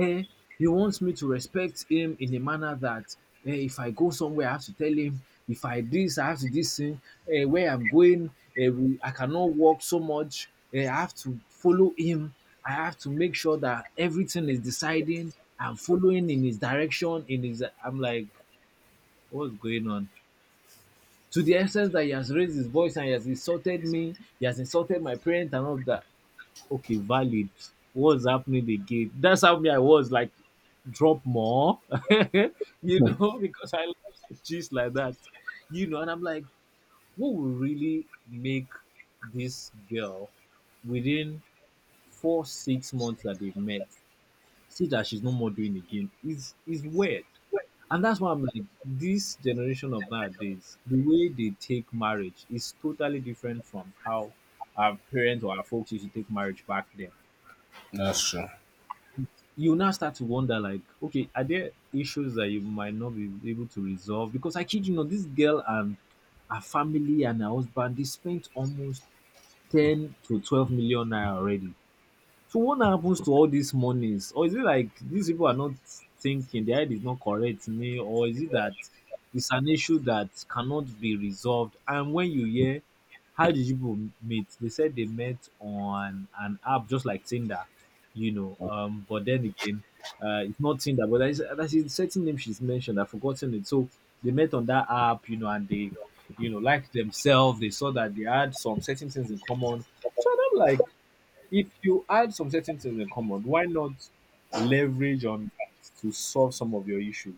S2: Eh, he wants me to respect him in a manner that eh, if I go somewhere, I have to tell him. If I this, I have to this thing. Eh, where I'm going, eh, we, I cannot walk so much. Eh, I have to follow him. I have to make sure that everything is deciding. I'm following in his direction. In his, I'm like, what's going on? To the extent that he has raised his voice and he has insulted me, he has insulted my parents and all of that. Okay, valid. What's happening again? That's how me I was like drop more, you know, because I like cheese like that, you know. And I'm like, what will really make this girl within four, six months that they've met see that she's no more doing again? Is is weird. And that's why I'm like, this generation of nowadays, the way they take marriage is totally different from how our parents or our folks used to take marriage back then.
S1: That's true.
S2: You now start to wonder like, okay, are there issues that you might not be able to resolve? Because I kid you not, this girl and her family and her husband, they spent almost ten to twelve million naira already. So what now happens to all these monies? Or is it like these people are not thinking, their head is not correct, nee, or is it that it's an issue that cannot be resolved? And when you hear, how did you people meet? They said they met on an app just like Tinder, you know. Um, but then again, uh, it's not Tinder, but there's, there's a certain name she's mentioned. I've forgotten it. So they met on that app, you know, and they, you know, liked themselves. They saw that they had some certain things in common. So I'm like, if you had some certain things in common, why not leverage on that to solve some of your issues?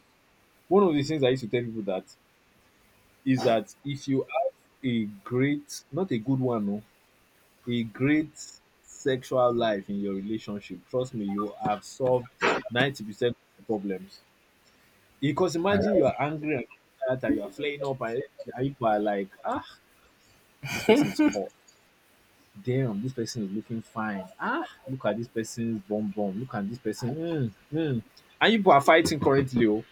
S2: One of the things I used to tell people that is that if you have a great, not a good one, no, a great sexual life in your relationship, trust me, you have solved ninety percent of the problems. Because
S1: I-
S2: imagine you are angry and that you are flaying up and you are like, ah, this person is hot. Damn, this person is looking fine. Ah, look at this person's bum bum. Look at this person. Mm, mm. And you people are fighting currently, oh,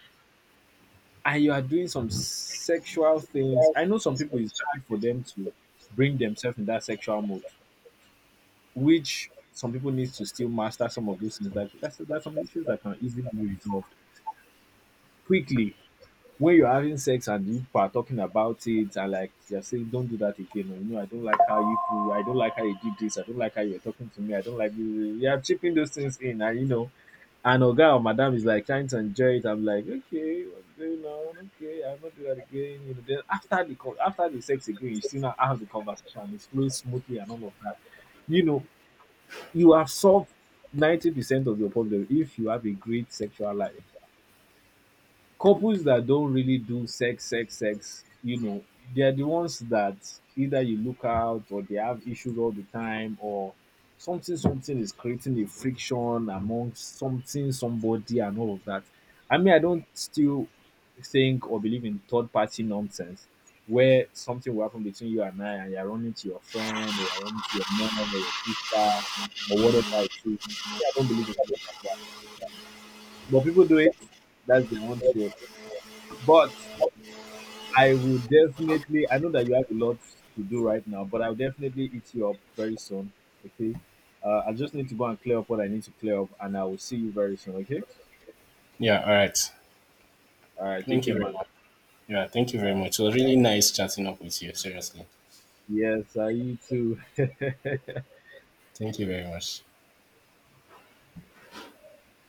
S2: and you are doing some sexual things. I know some people it's hard for them to bring themselves in that sexual mode, which some people need to still master some of those things. That that's that's some issues that can easily be resolved quickly. When you're having sex and you people are talking about it and like you are saying, don't do that again, or, you know I don't like how you could, I don't like how you did this, I don't like how you're talking to me, I don't like you, yeah, I'm chipping those things in. And you know and oga or madam is like trying to enjoy it. I'm like, okay, what's going on? Okay, I'll not do that again. you know then after the con- after the sex again, you still not have the conversation. It flows smoothly and all of that. you know you have solved ninety percent of your problem if you have a great sexual life. Couples that don't really do sex sex sex, you know they're the ones that either you look out or they have issues all the time or something something is creating a friction among something somebody and all of that. I mean, I don't still think or believe in third party nonsense where something will happen between you and I and you're running to your friend or you're running to your mom or your sister or whatever it is. Yeah, I don't believe in things like that. But people do it. That's their own shit. But I will definitely I know that you have a lot to do right now, but I'll definitely eat you up very soon. Okay. Uh, I just need to go and clear up what I need to clear up, and I will see you very soon. Okay.
S1: yeah, all right.
S2: All right. Take
S1: Thank you
S2: care,
S1: very
S2: man.
S1: much. Yeah, thank you
S2: All
S1: very
S2: right.
S1: much. It was really nice chatting up with you, seriously.
S2: Yes, I you too.
S1: Thank you very much.